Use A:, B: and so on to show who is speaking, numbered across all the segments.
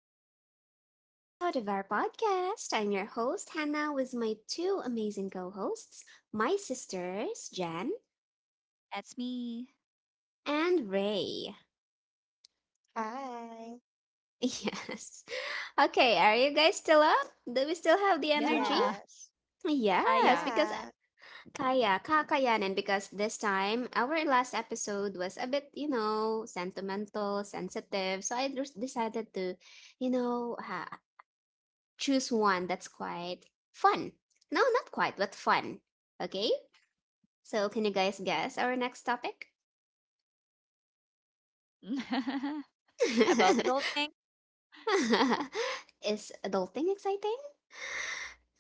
A: back to another episode of our podcast. I'm your host, Hannah, with my two amazing co hosts, my sisters, Jan
B: That's me.
A: and Ray.
C: Hi.
A: Yes. Okay, are you guys still up? Do we still have the energy?
B: Yeah,
C: Yes.
A: Yes,
B: kaya.
A: because
C: Yeah.
A: kaya, kakayanin, because this time, our last episode was a bit, you know, sentimental, sensitive. So I just decided to you know, ha- choose one that's quite fun. No, not quite, but fun. Okay? So, can you guys guess our next topic?
B: About adulting.
A: Is adulting exciting?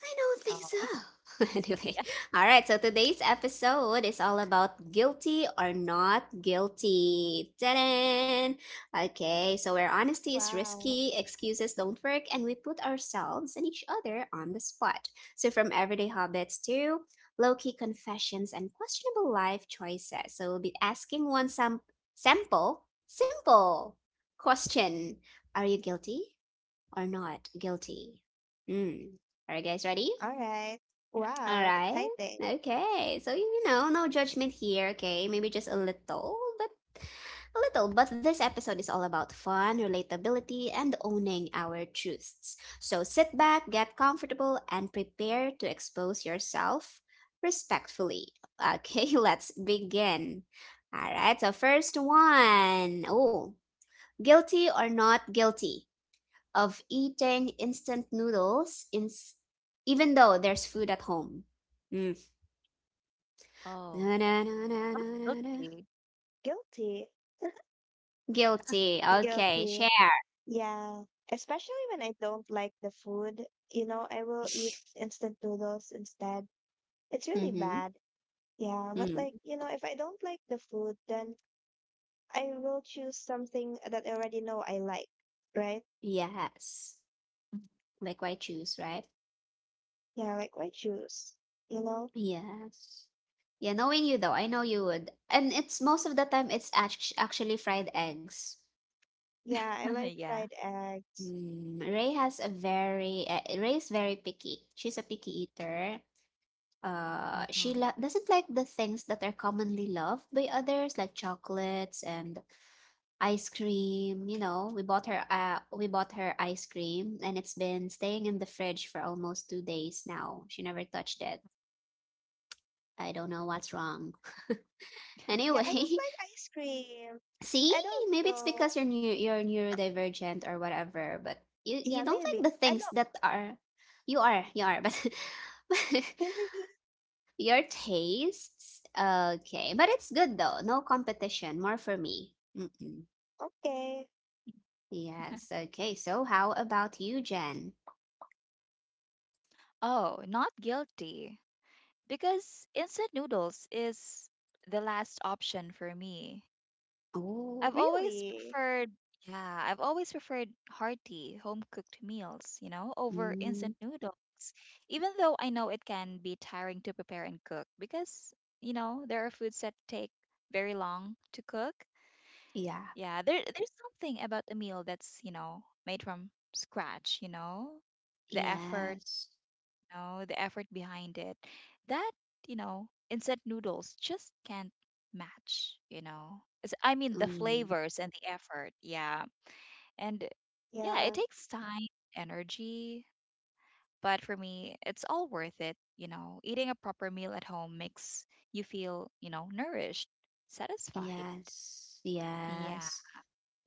A: I don't think
B: Oh,
A: so. Anyway,
B: yeah.
A: all right. So today's episode is all about guilty or not guilty. Ta-da! Okay, so where honesty is
C: Wow.
A: risky, excuses don't work, and we put ourselves and each other on the spot. So from everyday habits to low-key confessions and questionable life choices. So we'll be asking one sample, simple question: are you guilty or not guilty? Hmm. Are you guys ready?
C: All right.
B: yeah.
A: All
C: Wow.
A: right.
C: Exciting.
A: Okay. So, you know, no judgment here, okay? Maybe just a little. But this episode is all about fun, relatability, and owning our truths. So sit back, get comfortable, and prepare to expose yourself respectfully. Okay, let's begin. All right. So, first one. Oh, guilty or not guilty of eating instant noodles in even though there's food at home. Hmm.
B: Oh,
A: Na, na, na, na, na, na, na.
B: Guilty.
C: Guilty.
A: Guilty. Okay,
C: Guilty.
A: share.
C: Yeah. Especially when I don't like the food. You know, I will eat instant noodles instead. It's really
A: Mm-hmm.
C: bad. Yeah. But
A: Mm.
C: like, you know, if I don't like the food, then I will choose something that I already know I like. Right?
A: Yes. Like why choose, right?
C: Yeah. Like, why choose? You know?
A: Yes. Yeah, knowing you though, I know you would. And it's most of the time it's actually fried eggs.
C: Yeah. I like
B: yeah.
C: fried egg.
A: Mm, Ray has a very Ray is very picky. She's a picky eater. She
B: hmm
A: doesn't like the things that are commonly loved by others, like chocolates and ice cream. You know, we bought her ice cream and it's been staying in the fridge for almost 2 days now. She never touched it. I don't know what's wrong.
C: Yeah,
A: Anyway,
C: I don't like ice cream.
A: see,
C: I don't
A: maybe it's
C: know.
A: because you're you're neurodivergent or whatever, but you
C: Yeah,
A: don't like
C: maybe.
A: the
C: I
A: things
C: don't.
A: that are you are, you are, but your tastes. Okay, but it's good though. No competition, more for me. Mm-mm.
C: Okay.
A: Yes. Okay. So how about you, Jen?
B: Oh, not guilty. Because instant noodles is the last option for me. I've
A: Oh,
B: always
C: Really?
B: preferred, yeah, I've always preferred hearty, home cooked meals, over instant
A: mm,
B: noodles, even though I know it can be tiring to prepare and cook because, there are foods that take very long to cook.
A: yeah.
B: Yeah, there's something about a meal that's, made from scratch, the effort
A: Yes.
B: the effort behind it that, instant noodles just can't match, you know. I mean, the
A: Mm,
B: flavors and the effort. Yeah. And yeah, it
C: Yeah,
B: takes time, energy, but for me, it's all worth it, you know. Eating a proper meal at home makes you feel, nourished, satisfied.
A: yes.
B: Yeah.
A: Yes.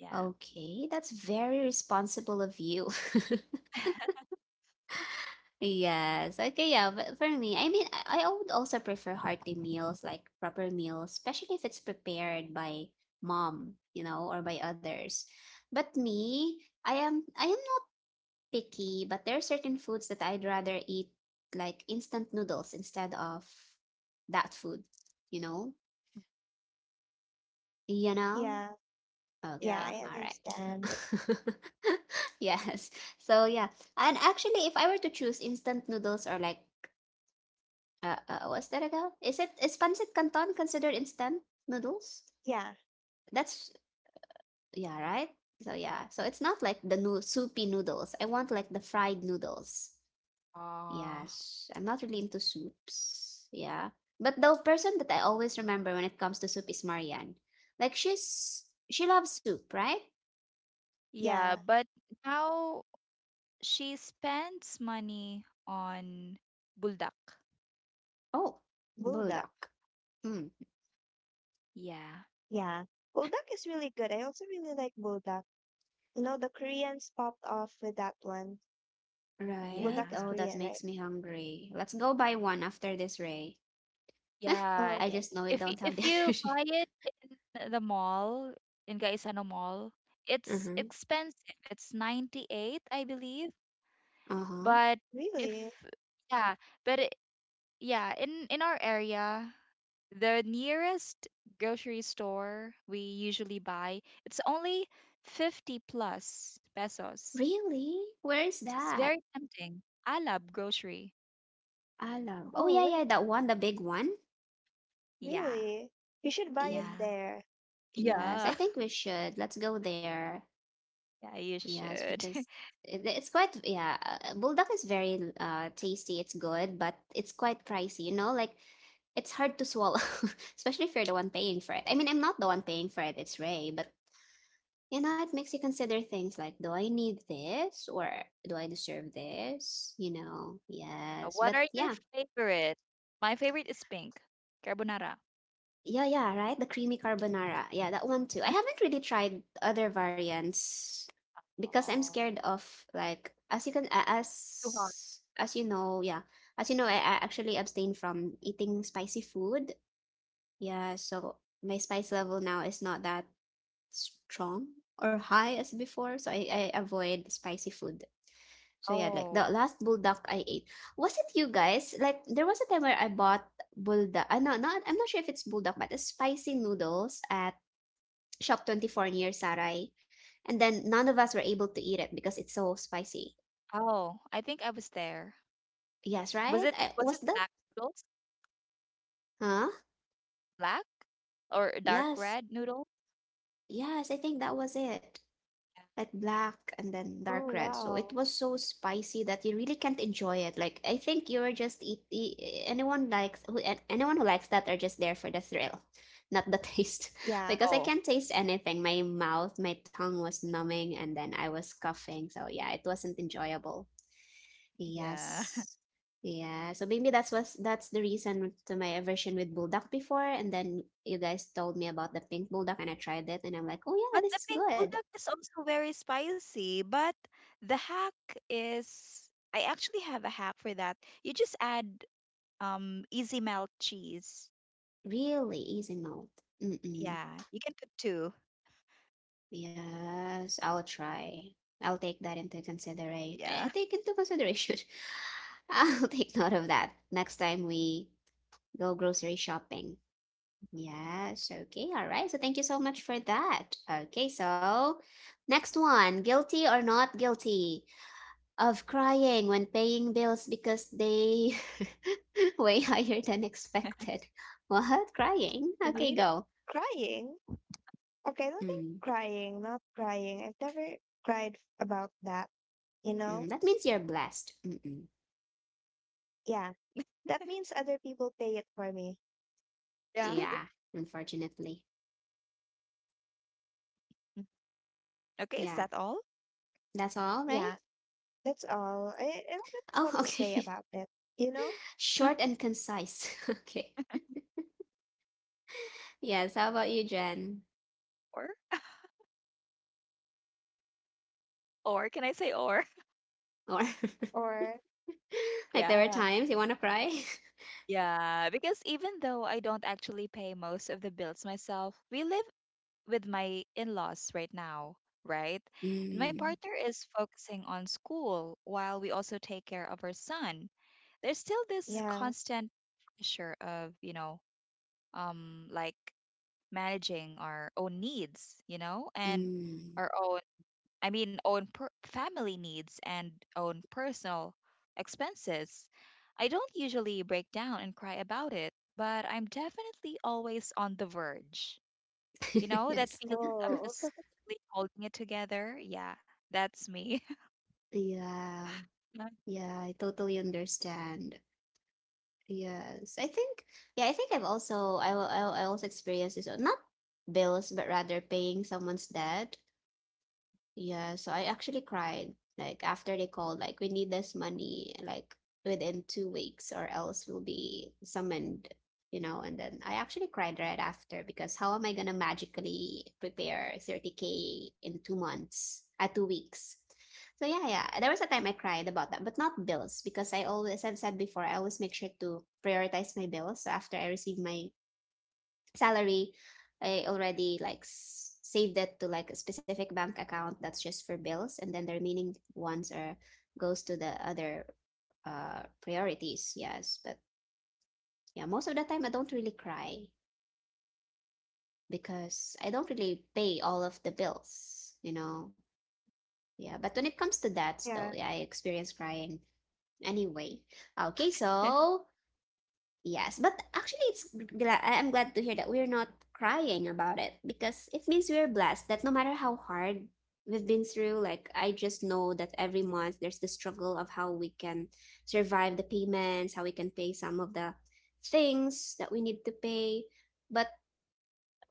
B: Yeah.
A: Okay, that's very responsible of you. Yes. Okay, yeah, but for me, I mean, I would also prefer hearty meals, like proper meals, especially if it's prepared by mom, you know, or by others. But me, I am not picky, but there are certain foods that I'd rather eat like instant noodles instead of that food, you know? You know?
C: yeah, yeah,
A: Okay,
B: Yeah.
C: I
A: all right.
C: understand.
A: yes. So yeah, and actually, if I were to choose instant noodles or like, what's that again? Is it is pancit canton considered instant noodles?
C: Yeah,
A: That's yeah, right. So yeah, so it's not like the new soupy noodles. I want like the fried noodles.
B: Uh,
A: Yes, I'm not really into soups. Yeah, but the person that I always remember when it comes to soup is Marianne. Like she's she loves soup, right?
B: yeah,
C: yeah.
B: but now she spends money on buldak.
A: Oh,
C: Bulldog.
A: bulldog. Hmm.
B: Yeah,
C: Yeah. Bulldog is really good. I also really like Bulldog. You know, the Koreans popped off with that one.
A: Right.
C: Bulldog is
A: Oh,
B: yeah,
A: that
C: Korean, right?
A: makes me hungry. Let's go buy one after this, Ray.
C: Oh,
B: yeah.
A: I
C: okay.
A: just know it
B: If
A: don't have
B: if
A: the
B: you
A: energy.
B: buy it in the mall in Gaisano Mall, it's
A: Uh-huh.
B: expensive. It's 98, I believe.
A: Uh-huh.
B: But
C: Really?
B: if yeah, but it, Yeah, in our area, the nearest grocery store we usually buy, it's only 50 plus pesos.
A: Really? Where is
B: So it's
A: that?
B: very tempting. I love grocery.
A: I love. Oh
C: Oh,
A: yeah,
C: where?
A: yeah, that one, the big one.
B: Yeah,
C: Really? You should buy it
B: yeah,
A: Yes.
C: there.
A: Yes.
B: yeah.
A: I think we should. Let's go there.
B: Yeah, you
A: Yes,
B: should.
A: because it's quite yeah, bulldog is very tasty. It's good, but it's quite pricey, you know, like it's hard to swallow, especially if you're the one paying for it. I mean, I'm not the one paying for it, it's Ray, but you know, it makes you consider things like, do I need this or do I deserve this? You know, yes.
B: What
A: But
B: are your
A: yeah,
B: favorite? My favorite is pink carbonara.
A: yeah, yeah, right? The creamy carbonara. Yeah, that one too. I haven't really tried other variants because I'm
B: Oh,
A: scared of like as you can
B: too hot.
A: as you know, yeah. As you know, I actually abstain from eating spicy food. Yeah, so my spice level now is not that strong or high as before, so I avoid spicy food. So yeah, like the
B: Oh,
A: last bulldog I ate. Was it you guys? Like there was a time where I bought bulldog. I no, not I'm not sure if it's bulldog, but it's spicy noodles at Shop 24 near Sarai. And then none of us were able to eat it because it's so spicy.
B: oh, I think I was there.
A: Yes,
B: Was
A: right?
B: it
A: I,
B: was
A: was
B: it
A: that?
B: black noodles?
A: Huh?
B: Black or dark
A: Yes.
B: red noodle?
A: Yes, I think that was it.
B: Yeah.
A: Like black and then
C: Oh,
A: dark red. So
C: wow.
A: it was so spicy that you really can't enjoy it. Like I think you were just eat, anyone likes who anyone who likes that are just there for the thrill, not the taste.
C: Yeah.
A: Because I
B: Oh,
A: can't taste anything. My mouth, my tongue was numbing, and then I was coughing. So yeah, it wasn't enjoyable.
B: yeah.
A: Yes. Yeah, so maybe that's the reason to my aversion with bulldog before, and then you guys told me about the pink bulldog, and I tried it, and I'm like, oh yeah,
B: But
A: this
B: the
A: is
B: pink
A: good.
B: bulldog is also very spicy. But the hack is I actually have a hack for that. You just add easy melt cheese.
A: Really easy mode. Mm-mm.
B: Yeah. You can put two.
A: Yes, I'll try. I'll take that into consideration.
B: Yeah.
A: Take into consideration. I'll take note of that next time we go grocery shopping. Yes, okay, all right. So thank you so much for that. Okay, so next one, guilty or not guilty of crying when paying bills because they way higher than expected. What? Crying? Okay,
C: Real
A: go.
C: Crying? Okay, I don't think
A: Mm.
C: crying, not crying. I've never about that, you
A: Mm,
C: know?
A: that means you're blessed. Mm-mm.
C: Yeah, that means other people pay it for me.
B: Yeah.
A: Yeah, unfortunately.
B: Mm. Okay, is
A: Yeah,
B: that all?
A: that's all, right?
C: Yeah, that's all. I don't really know
A: Oh,
C: what to say
A: okay.
C: about it, you know?
B: Or
A: Short and concise. Okay. Yes, how about you, Jen?
B: or can I say or?
A: Or
C: Or,
A: like there were
B: Yeah.
A: times you want to cry?
B: Yeah, because even though I don't actually pay most of the bills myself, we live with my in-laws right now, right? And my
A: Mm,
B: partner is focusing on school while we also take care of our son. There's still this
C: yeah,
B: constant pressure of, you know, like managing our own needs, you know, and
A: mm.
B: our own I mean, family needs and own personal expenses. I don't usually break down and cry about it, but I'm definitely always on the verge. You know, that
A: Yes.
B: feeling of
C: oh,
B: just really holding it together. Yeah, that's me.
A: Yeah,
B: yeah.
A: yeah, I totally understand. Yes, I think, yeah, I think I've also, I also experienced this, not bills, but rather paying someone's debt. Yeah, so I actually cried like after they called like we need this money like within 2 weeks or else we'll be summoned, you know. And then I actually cried right after because how am I gonna magically prepare 30k in 2 months, 2 weeks? So yeah, yeah, there was a time I cried about that, but not bills because I always, as I've said before, I always make sure to prioritize my bills. So after I receive my salary, I already like saved it to like a specific bank account that's just for bills, and then the remaining ones are goes to the other priorities. Yes, but yeah, most of the time I don't really cry because I don't really pay all of the bills, you know. Yeah, but when it comes to that though,
C: yeah,
A: yeah, I experience crying anyway. Okay, so yes, but actually, it's I'm glad to hear that we're not crying about it because it means we're blessed that no matter how hard we've been through, like I just know that every month there's the struggle of how we can survive the payments, how we can pay some of the things that we need to pay, but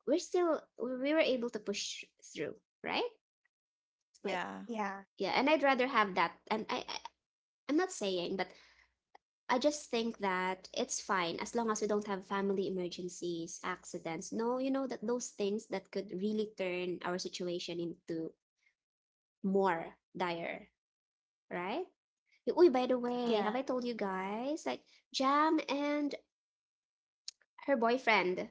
A: we're still we were able to push through, right? Like
B: Yeah.
C: yeah,
A: yeah, and I'd rather have that. And I I'm not saying, but I just think that it's fine as long as we don't have family emergencies, accidents. No, you know that those things that could really turn our situation into more dire, right? Uy, by the way,
C: yeah.
A: have I told you guys? Like Jam and her boyfriend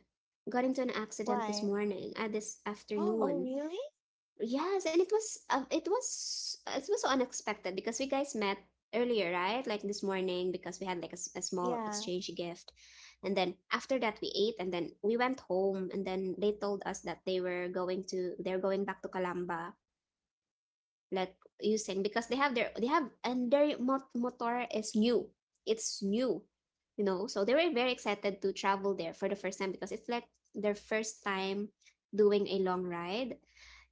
A: got into an accident this
C: Why?
A: morning, this
B: Oh.
C: Oh,
A: afternoon.
C: really?
A: Yes, and it was so unexpected because we guys met earlier, right? Like this morning because we had like a, a small
C: Yeah,
A: exchange gift. And then after that we ate and then we went home, and then they told us that they're going back to Calamba like using because they have their they have and their motor is new. It's new, you know. So they were very excited to travel there for the first time because it's like their first time doing a long ride.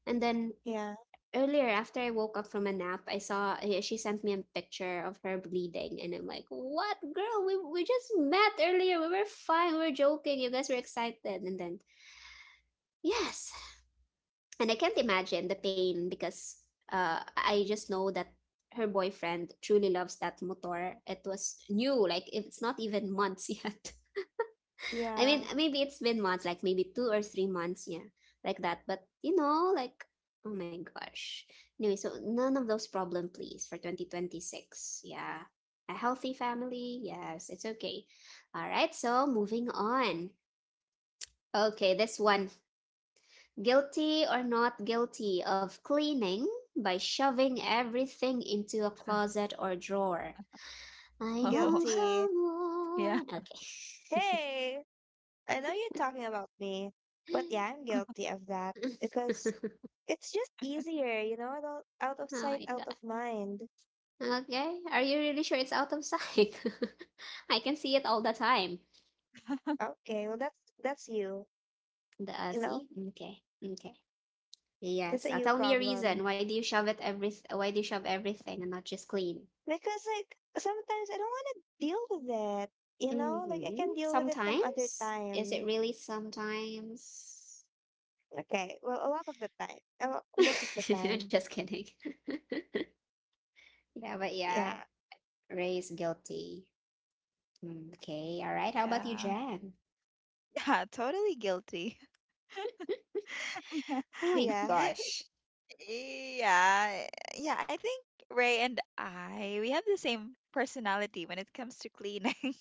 A: And then
C: yeah,
A: earlier after I woke up from a nap, I saw eh, she sent me a picture of her bleeding, and I'm like, "What, girl? We just met earlier. We were fine. We were joking. You guys were excited." And then yes, and I can't imagine the pain because I just know that her boyfriend truly loves that motor. It was new, like it's not even months yet. I
C: yeah.
A: mean, maybe it's been months, like maybe 2 or 3 months, yeah, like that. But you know, like, oh my gosh. Anyway, so none of those problem, please, for 2026. Yeah. A healthy family. Yes, it's okay. All right, so moving on. Okay, this one. Guilty or not guilty of cleaning by shoving everything into a closet or drawer. I
B: oh.
A: know
C: Guilty.
A: someone.
B: Yeah.
A: Okay.
C: Hey! I know you're talking about me, but yeah, I'm guilty of that because it's just easier, you know, out of
A: oh my
C: sight, out of mind.
A: Okay. Are you really sure it's out of sight? I can see it all the time.
C: Okay, well that's you,
A: The
C: you know,
A: see? Okay. Okay.
C: that's
A: Yes.
C: a you
A: Tell me a reason.
C: problem.
A: Why do you shove everything and not just clean?
C: Because like sometimes I don't want to deal with it, you know, like I
A: Mm-hmm.
C: can deal with it some other
A: Sometimes? Is it
C: time.
A: really sometimes?
C: Okay, well a lot of the time, a lot, most of the time,
A: Just kidding. Yeah, but yeah.
C: yeah,
A: Ray's guilty. Mm, okay. All right. How about you,
B: Yeah.
A: Jan?
B: Yeah. Totally guilty. Yeah.
A: Oh my
C: yeah,
A: gosh.
B: Yeah, yeah. I think Ray and I we have the same personality when it comes to cleaning.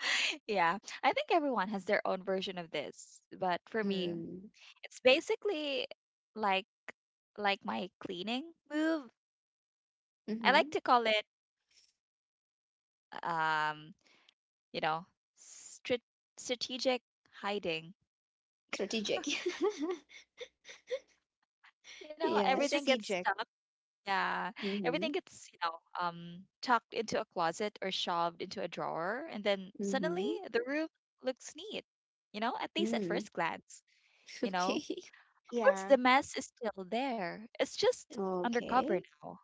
B: yeah, I think everyone has their own version of this, but for me,
A: Mm.
B: it's basically like like my cleaning move. I
A: Mm-hmm.
B: like to call it um, you know, strat- strategic hiding.
A: Strategic.
B: You know,
C: it's
B: everything
A: Yes.
B: gets
C: strategic.
B: stuck. Yeah, everything
A: Mhm.
B: gets, you know, tucked into a closet or shoved into a drawer, and then suddenly
A: Mhm.
B: the room looks neat, you know, at least at
A: Mm.
B: first glance, you know.
A: Okay.
B: Of course,
C: Yeah,
B: the mess is still there. It's just undercover
A: Okay.
B: now.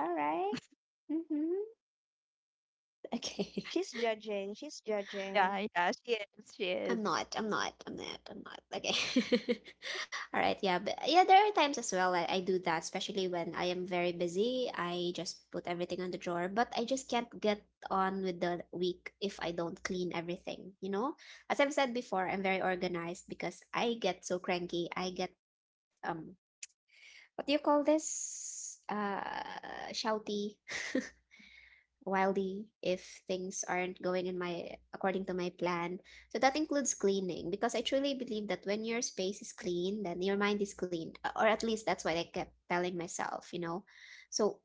A: All right. Mm-hmm. Okay.
C: she's judging, she's judging.
B: Yeah, yeah, she is. She is.
A: I'm not. I'm not. I'm not. I'm not. Okay. All right. Yeah. But yeah, there are times as well I do that, especially when I am very busy. I just put everything on the drawer, but I just can't get on with the week if I don't clean everything, you know? As I've said before, I'm very organized because I get so cranky. I get um what do you call this? Shouty, wildly, if things aren't going in my, according to my plan. So that includes cleaning because I truly believe that when your space is clean, then your mind is clean, or at least that's what I kept telling myself, you know. So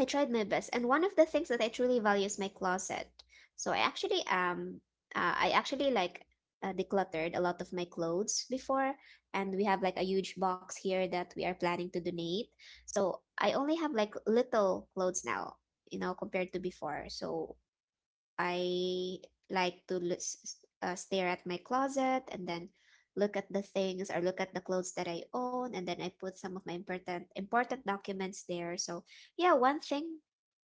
A: I tried my best, and one of the things that I truly value is my closet. So I actually, like, decluttered a lot of my clothes before, and we have like a huge box here that we are planning to donate. So I only have like little clothes now, you know, compared to before. So I like to stare at my closet and then look at the things or look at the clothes that I own, and then I put some of my important important documents there. So yeah, one thing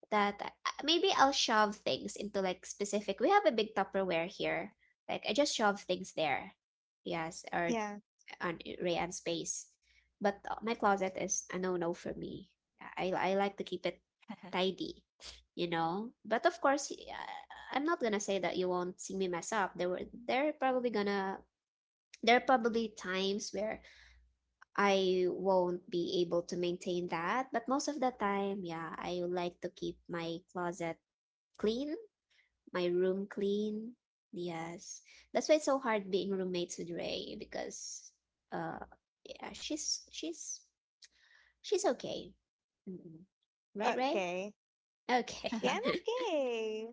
A: maybe I'll shove things into like specific. We have a big Tupperware here. Like I just shove things there. Yes, or
C: Yeah,
A: on Ray and space. But my closet is a no-no for me. I like to keep it tidy, you know. But of course, I'm not gonna say that you won't see me mess up. There are probably times where I won't be able to maintain that. But most of the time, yeah, I like to keep my closet clean, my room clean. Yes. That's why it's so hard being roommates with Ray because uh yeah, she's she's okay. Mm-mm. Right, Ray?
C: okay. Yeah,
A: Okay.
C: I'm okay.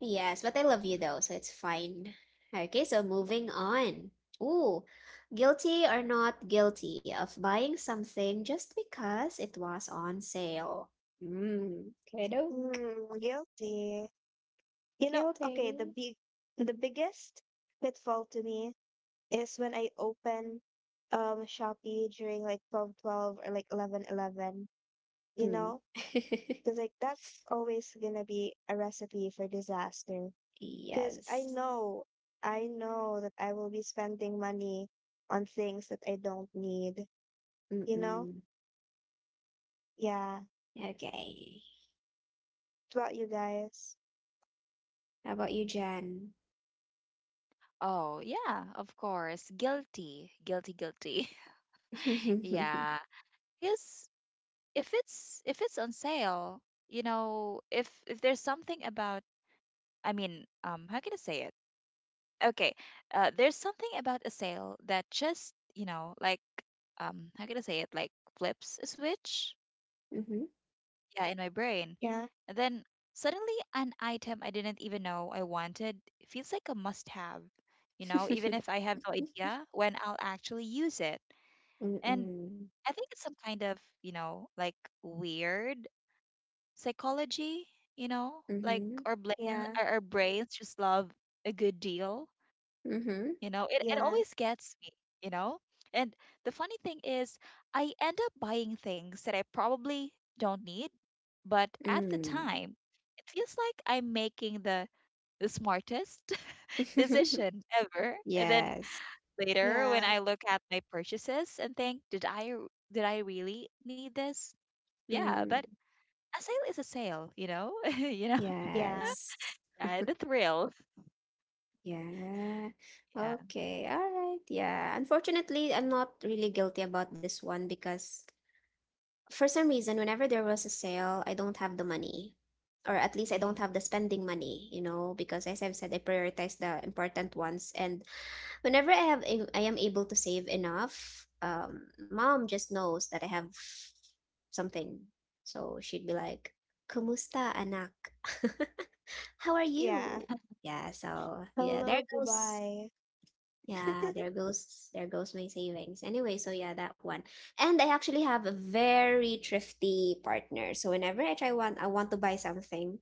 A: Yes, but I love you though, so it's fine. Okay, so moving on. Ooh, guilty or not guilty of buying something just because it was on sale. Mm, kiddo,
C: Guilty. You know, okay, the
A: guilty.
C: big the biggest pitfall to me is when I open Shopee during like 12.12 or like 11.11. You
A: Mm.
C: know? Because like that's always gonna be a recipe for disaster. Because
A: Yes.
C: I know that I will be spending money on things that I don't need, you know?
A: Mm-mm.
C: Yeah.
A: Okay.
C: What about you guys?
A: How about you, Jan?
B: Oh, yeah, of course. Guilty, guilty, guilty. Yeah. Because if it's on sale, you know, if there's something about I mean, how can I say it? Okay, there's something about a sale that just, you know, like, how can I say it? Like flips a switch,
A: Mm-hmm.
B: yeah, in my brain.
C: Yeah,
B: And then suddenly, an item I didn't even know I wanted feels like a must-have, you know, even if I have no idea when I'll actually use it.
A: Mm-hmm.
B: And
A: Mm-mm.
B: I think it's some kind of, you know, like weird psychology, you know, like
A: Mm-hmm.
B: our brain,
C: yeah,
B: our brains just love a good deal
A: Mm-hmm.
B: it
C: yeah,
B: always gets me you know and the funny thing is I end up buying things that I probably don't need but at the
A: Mm.
B: time it feels like I'm making the smartest decision ever and then
A: Yes.
B: later when
C: yeah.
B: I look at my purchases and think did I really need this yeah but
A: Mm.
B: a sale is a sale you know you know
C: Yeah,
A: Yes.
B: the thrill
A: Yeah.
B: yeah
A: Okay. All right. Yeah. Unfortunately, I'm not really guilty about this one because for some reason, whenever there was a sale, I don't have the money. Or at least I don't
B: yeah
A: have the spending money, you know, because as I've said, I prioritize the important ones. And whenever I have I am able to save enough, mom just knows that I have something. So she'd be like, "Kumusta, anak? How are
C: yeah.
A: you?" Yeah, so yeah, there
C: Hello,
A: goes
C: Dubai.
A: yeah, there goes my savings. Anyway, so yeah, that one. And I actually have a very thrifty partner. So whenever I try one, I want to buy something,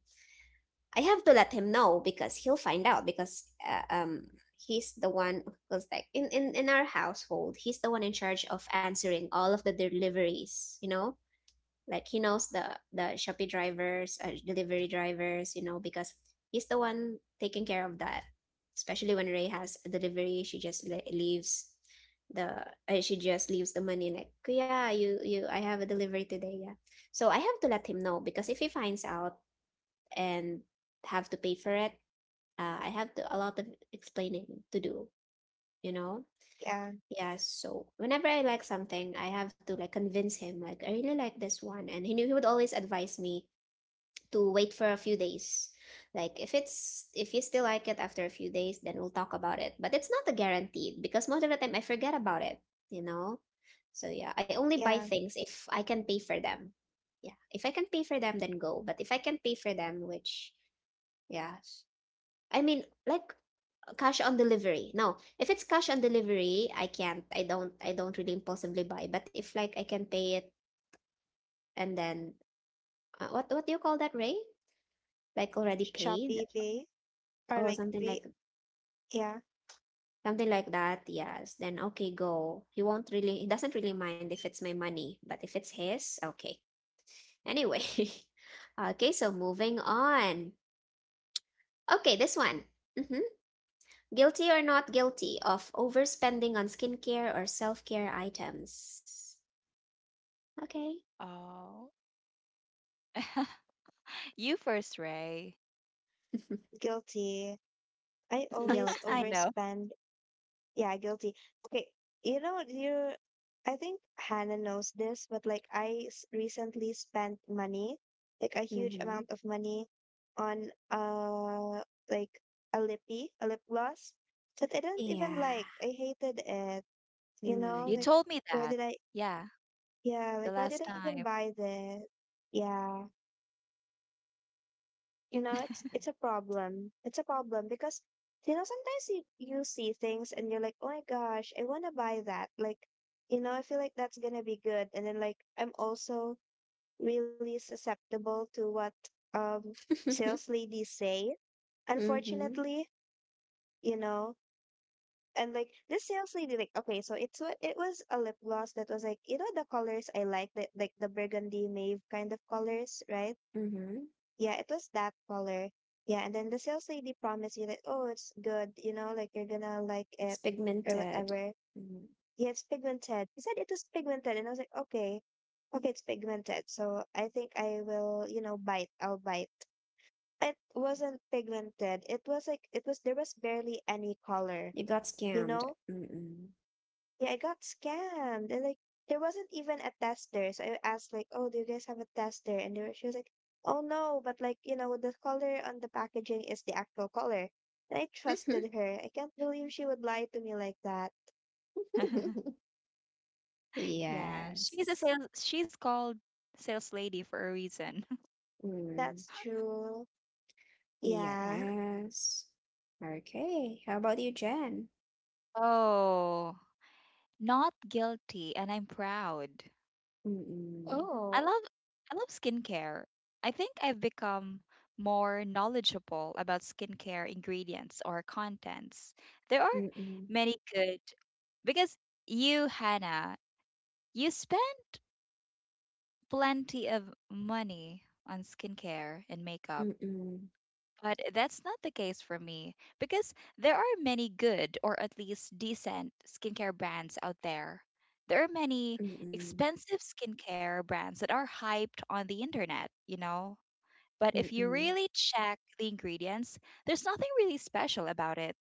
A: I have to let him know because he'll find out because he's the one, because like in our household he's the one in charge of answering all of the deliveries, you know, like he knows the Shopee drivers, delivery drivers, you know, because he's the one taking care of that, especially when Ray has a delivery she just leaves the she just leaves the money, like, yeah, you I have a delivery today, yeah. So I have to let him know because if he finds out and have to pay for it. I have to, a lot of explaining to do, you know?
C: Yeah,
A: Yeah, so whenever I like something, I have to like convince him, like, I really like this one. And he knew he would always advise me to wait for a few days. Like if it's if you still like it after a few days, then we'll talk about it. But it's not a guaranteed because most of the time I forget about it, you know? So yeah, I only buy
C: yeah.
A: things if I can pay for them. Yeah. If I can pay for them, then go. But if I can pay for them, which yeah, I mean, like cash on delivery. No, if it's cash on delivery, I can't. I don't. I don't really impulsively buy. But if like I can pay it, and then what do you call that, Ray? Like already paid
C: Shopee Pay or
A: or
C: like be yeah,
A: something like that. Yes. Then okay, go. He won't really. He doesn't really mind if it's my money, but if it's his, okay. Anyway, okay. So moving on. Okay, this one. Mm-hmm. Guilty or not guilty of overspending on skincare or self care items? Okay.
B: oh you first ray
C: guilty. I always
B: I
A: Guilty.
B: know.
C: overspend. Yeah, guilty. Okay, you know you. I think Hannah knows this, but like I s- recently spent money, like a huge
A: Mm-hmm.
C: amount of money, on like a lippy, a lip gloss that I didn't even
A: Yeah.
C: like. I hated it. You know,
B: You
A: Mm.
C: like
B: told me
C: why
B: that.
C: did I
B: Yeah,
C: Yeah,
B: the
C: like why did
B: last
C: I even
B: time.
C: buy this? Yeah. You know, it's a problem. It's a problem because you know, sometimes you see things and you're like, "Oh my gosh, I want to buy that." Like, you know, I feel like that's going to be good. And then like I'm also really susceptible to what um sales ladies say.
A: Mm-hmm.
C: Unfortunately, you know, and like this sales lady like, okay, so it's what it was a lip gloss that was like, you know, the colors I like, that like the burgundy mauve kind of colors, right?
A: Mm-hmm.
C: Yeah, it was that color. Yeah, and then the sales lady promised you that, oh, it's good, you know, like you're gonna like
A: It's
C: it or
A: pigmented.
C: whatever.
A: Mhm.
C: Yeah, it's pigmented. He said it was pigmented, and I was like, okay, okay, it's pigmented. So I think I will, you know, bite. I'll bite. It wasn't pigmented. It was like it was there was barely any color,
A: You got
C: you
A: scammed.
C: know?
A: Mm-mm.
C: Yeah, I got scammed. And like there wasn't even a tester. So I asked like, "Oh, do you guys have a tester?" And they were, she was like, "Oh no, but like, you know, the color on the packaging is the actual color." And I trusted her. I can't believe she would lie to me like that.
B: Yeah, she's a
A: Yes.
B: sales she's called sales lady for a reason.
A: Mm.
C: That's true. Yeah.
A: Yes. Okay. How about you, Jen?
B: Oh, not guilty and I'm proud.
A: Mm-mm.
B: I
C: Oh.
B: love I love skincare. I think I've become more knowledgeable about skincare ingredients or contents. There are
A: Mm-mm.
B: many good because you, Hannah, you spend plenty of money on skincare and makeup,
A: Mm-mm.
B: but that's not the case for me because there are many good or at least decent skincare brands out there. There are many
A: Mm-mm.
B: expensive skincare brands that are hyped on the internet, you know? But if you
A: Mm-mm.
B: really check the ingredients, there's nothing really special about it.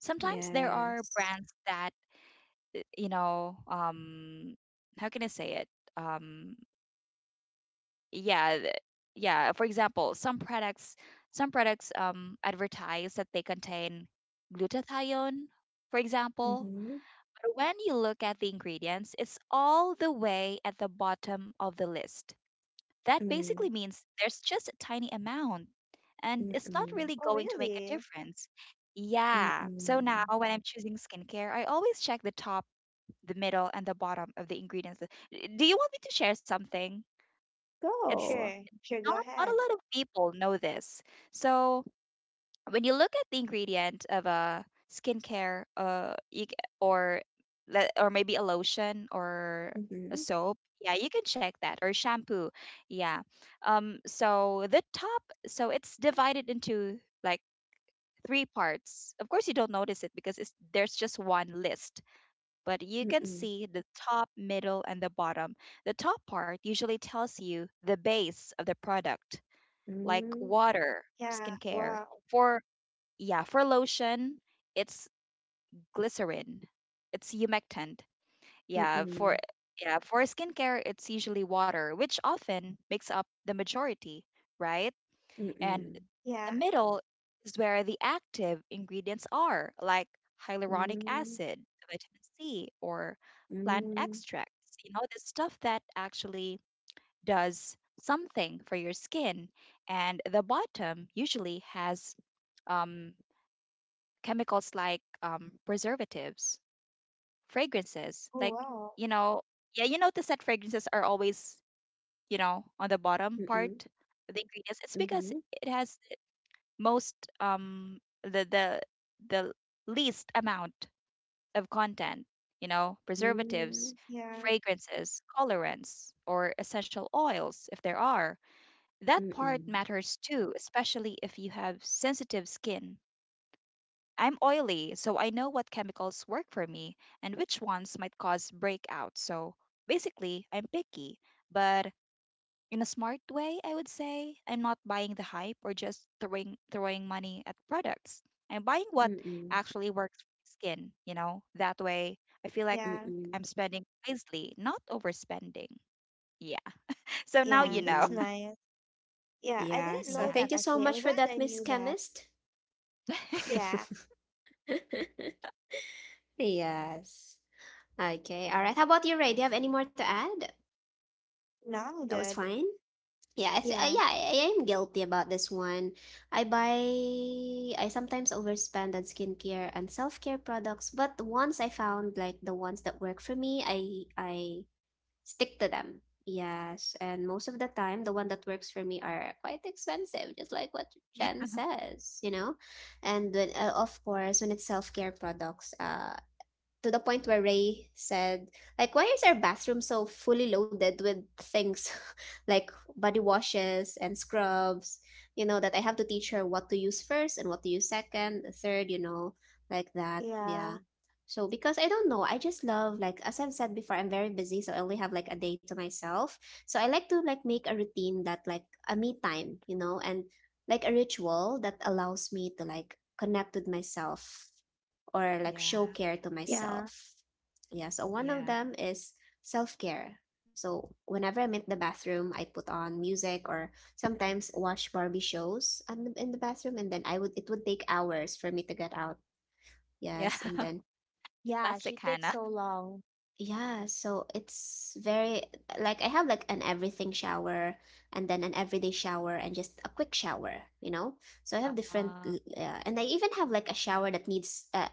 B: Sometimes there are
A: Yes.
B: brands that, you know, how can I say it? Um, yeah th- yeah, for example, some products advertise that they contain glutathione, for example,
A: Mm-hmm.
B: but when you look at the ingredients it's all the way at the bottom of the list. That basically
A: Mm-mm.
B: means there's just a tiny amount and it's not
A: Mm-mm.
B: really
C: Oh
B: going to make a
C: really?
B: difference. Yeah, so now
A: Mm-mm.
B: when I'm choosing skincare I always check the top, the middle, and the bottom of the ingredients. Do you want me to share something? It's
A: Go.
C: Sure. Sure, go
B: not a
C: ahead.
B: lot of people know this. So when you look at the ingredient of a skincare, you, c- or le- or maybe a lotion or a
A: Mhm,
B: soap, yeah, you can check that, or shampoo, yeah. So the top, so it's divided into like three parts. Of course, you don't notice it because there's just one list, but you can
A: mm,
B: see the top, middle, and the bottom. The top part usually tells you the base of the product, like
A: hmm,
B: water for
C: Yeah.
B: skincare.
C: Wow.
B: For Yeah, for lotion, it's glycerin. It's humectant.
A: mm,
B: Yeah, for
A: mm,
B: yeah, for skincare, it's usually water, which often makes up the majority, right? And
A: hmm,
C: Yeah.
B: the middle is where the active ingredients are, like hyaluronic
A: hmm,
B: acid, vitamin C, or plant
A: mm,
B: extracts. You know, the stuff that actually does something for your skin. And the bottom usually has um, chemicals like preservatives, fragrances.
C: Oh
B: Like,
C: wow.
B: you know, yeah, you notice that fragrances are always, you know, on the bottom part of the ingredients. It's because
A: mhm,
B: it has most um the the the least amount of content, you know.
A: hmm,
B: Preservatives,
C: Yeah.
B: fragrances, colorants, or essential oils if there are. That part
A: mm,
B: matters too, especially if you have sensitive skin. I'm oily, so I know what chemicals work for me and which ones might cause breakouts. So basically, I'm picky, but in a smart way. I would say I'm not buying the hype or just throwing money at products. I'm buying what
A: mm,
B: actually works for my skin, you know? That way, I feel like
C: Yeah.
A: mm,
B: I'm spending wisely, not overspending. Yeah. So now
C: Yeah.
B: you know.
C: That's
A: hmm.
C: nice. Yeah. I
A: Yeah,
C: didn't
A: so
C: know that
B: Yeah.
A: thank you so
C: actually.
A: much
C: I'm
A: for
C: glad
A: that,
C: I
A: Miss
C: knew that.
A: Chemist.
C: Yeah.
A: Yes. Okay. All right. How about you, Ray? Do you have any more to add?
C: No, I'm
A: That was
C: good.
A: fine. Yeah,
C: Yeah,
A: yeah, I am guilty about this one. I buy, I sometimes overspend on skincare and self-care products, but once I found like the ones that work for me, I stick to them. Yes, and most of the time, the one that works for me are quite expensive, just like what Jen
B: yeah.
A: says, you know. And when, of course, when it's self-care products, to the point where Ray said, like, why is our bathroom so fully loaded with things like body washes and scrubs? You know, that I have to teach her what to use first and what to use second, third, you know, like that. Yeah.
C: yeah,
A: So because I don't know, I just love, like, as I've said before, I'm very busy, so I only have like a day to myself. So I like to like make a routine, that like a me time, you know, and like a ritual that allows me to like connect with myself or like show
B: Yeah.
A: care to
C: Yeah.
A: myself. Yeah, so one of
B: Yeah.
A: them is self care. So whenever I'm in the bathroom, I put on music or sometimes watch Barbie shows on the, in the bathroom, and then I would it would take hours for me to get out.
B: Yeah.
A: Yes, and then
C: Yeah,
B: Classic
C: she takes
B: Hannah.
C: so long.
A: yeah, so it's very like I have like an everything shower, and then an everyday shower, and just a quick shower, you know? So I have different
B: Ah,
A: and I even have like a shower that needs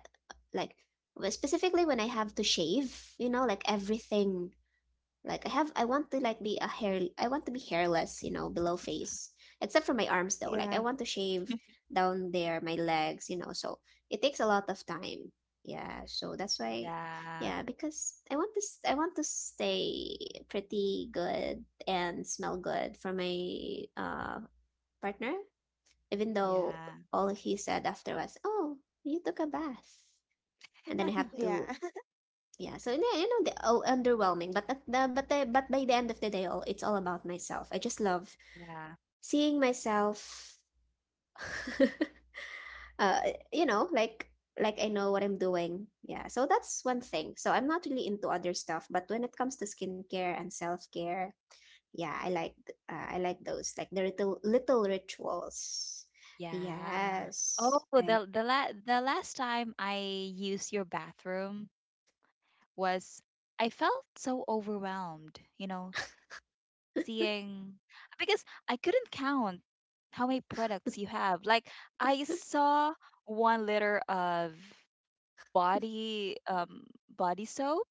A: like specifically when I have to shave, you know, like everything, like I want to be hairless, you know, below face. Except for my arms though. Like I
C: Yeah,
A: want to shave down there, my legs, you know. So it takes a lot of time. Yeah, so that's why
B: yeah.
A: yeah, because I want to stay pretty good and smell good for my partner, even though
B: Yeah.
A: all he said after was, "Oh, you took a bath." And then I have
C: yeah,
A: to, yeah, so yeah, you know, the oh, underwhelming, but but by the end of the day, all, it's all about myself, I just love
B: Yeah.
A: seeing myself uh you know, like I know what I'm doing, yeah, so that's one thing. So I'm not really into other stuff, but when it comes to skincare and self-care, yeah, I like I like those, like the little little rituals,
B: Yeah. Oh,
A: yes I
B: the last time I used your bathroom, was I felt so overwhelmed, you know, seeing because I couldn't count how many products you have. Like I saw 1 liter of body soap,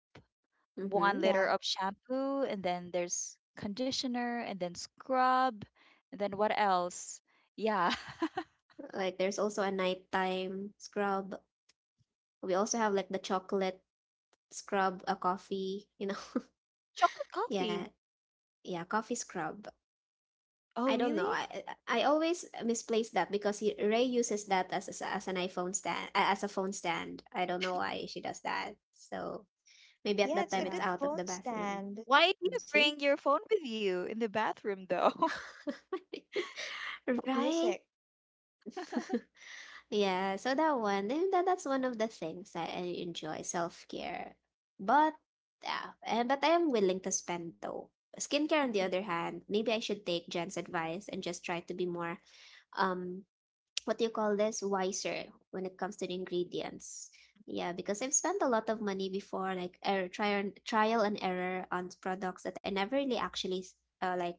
B: one
A: Mm-hmm.
B: liter
C: yeah.
B: of shampoo, and then there's conditioner, and then scrub, and then what else? Yeah,
A: Like there's also a nighttime scrub. We also have like the chocolate scrub, a coffee, you know.
B: chocolate
A: Yeah,
B: coffee.
A: yeah, coffee scrub.
B: Oh,
A: I don't know.
B: really?
A: I always misplace that because Ray uses that as, as an iPhone stand, as a phone stand. I don't know why she does that. So maybe at
C: Yeah,
A: that
C: it's a
A: time it's
B: Yeah.
C: good
A: out of
C: phone
A: the bathroom.
C: stand.
B: Why do you
A: See,
B: bring your phone with you in the bathroom, though?
A: right?
C: Music,
A: Yeah, so that one, then that's one of the things that I enjoy, self-care. But yeah, and but I am willing to spend though. Skincare on the
B: Mhm.
A: other hand, maybe I should take Jen's advice and just try to be more um what do you call this? Wiser when it comes to the ingredients. Yeah, because I've spent a lot of money before, like error, trial and error on products that I never really actually uh, like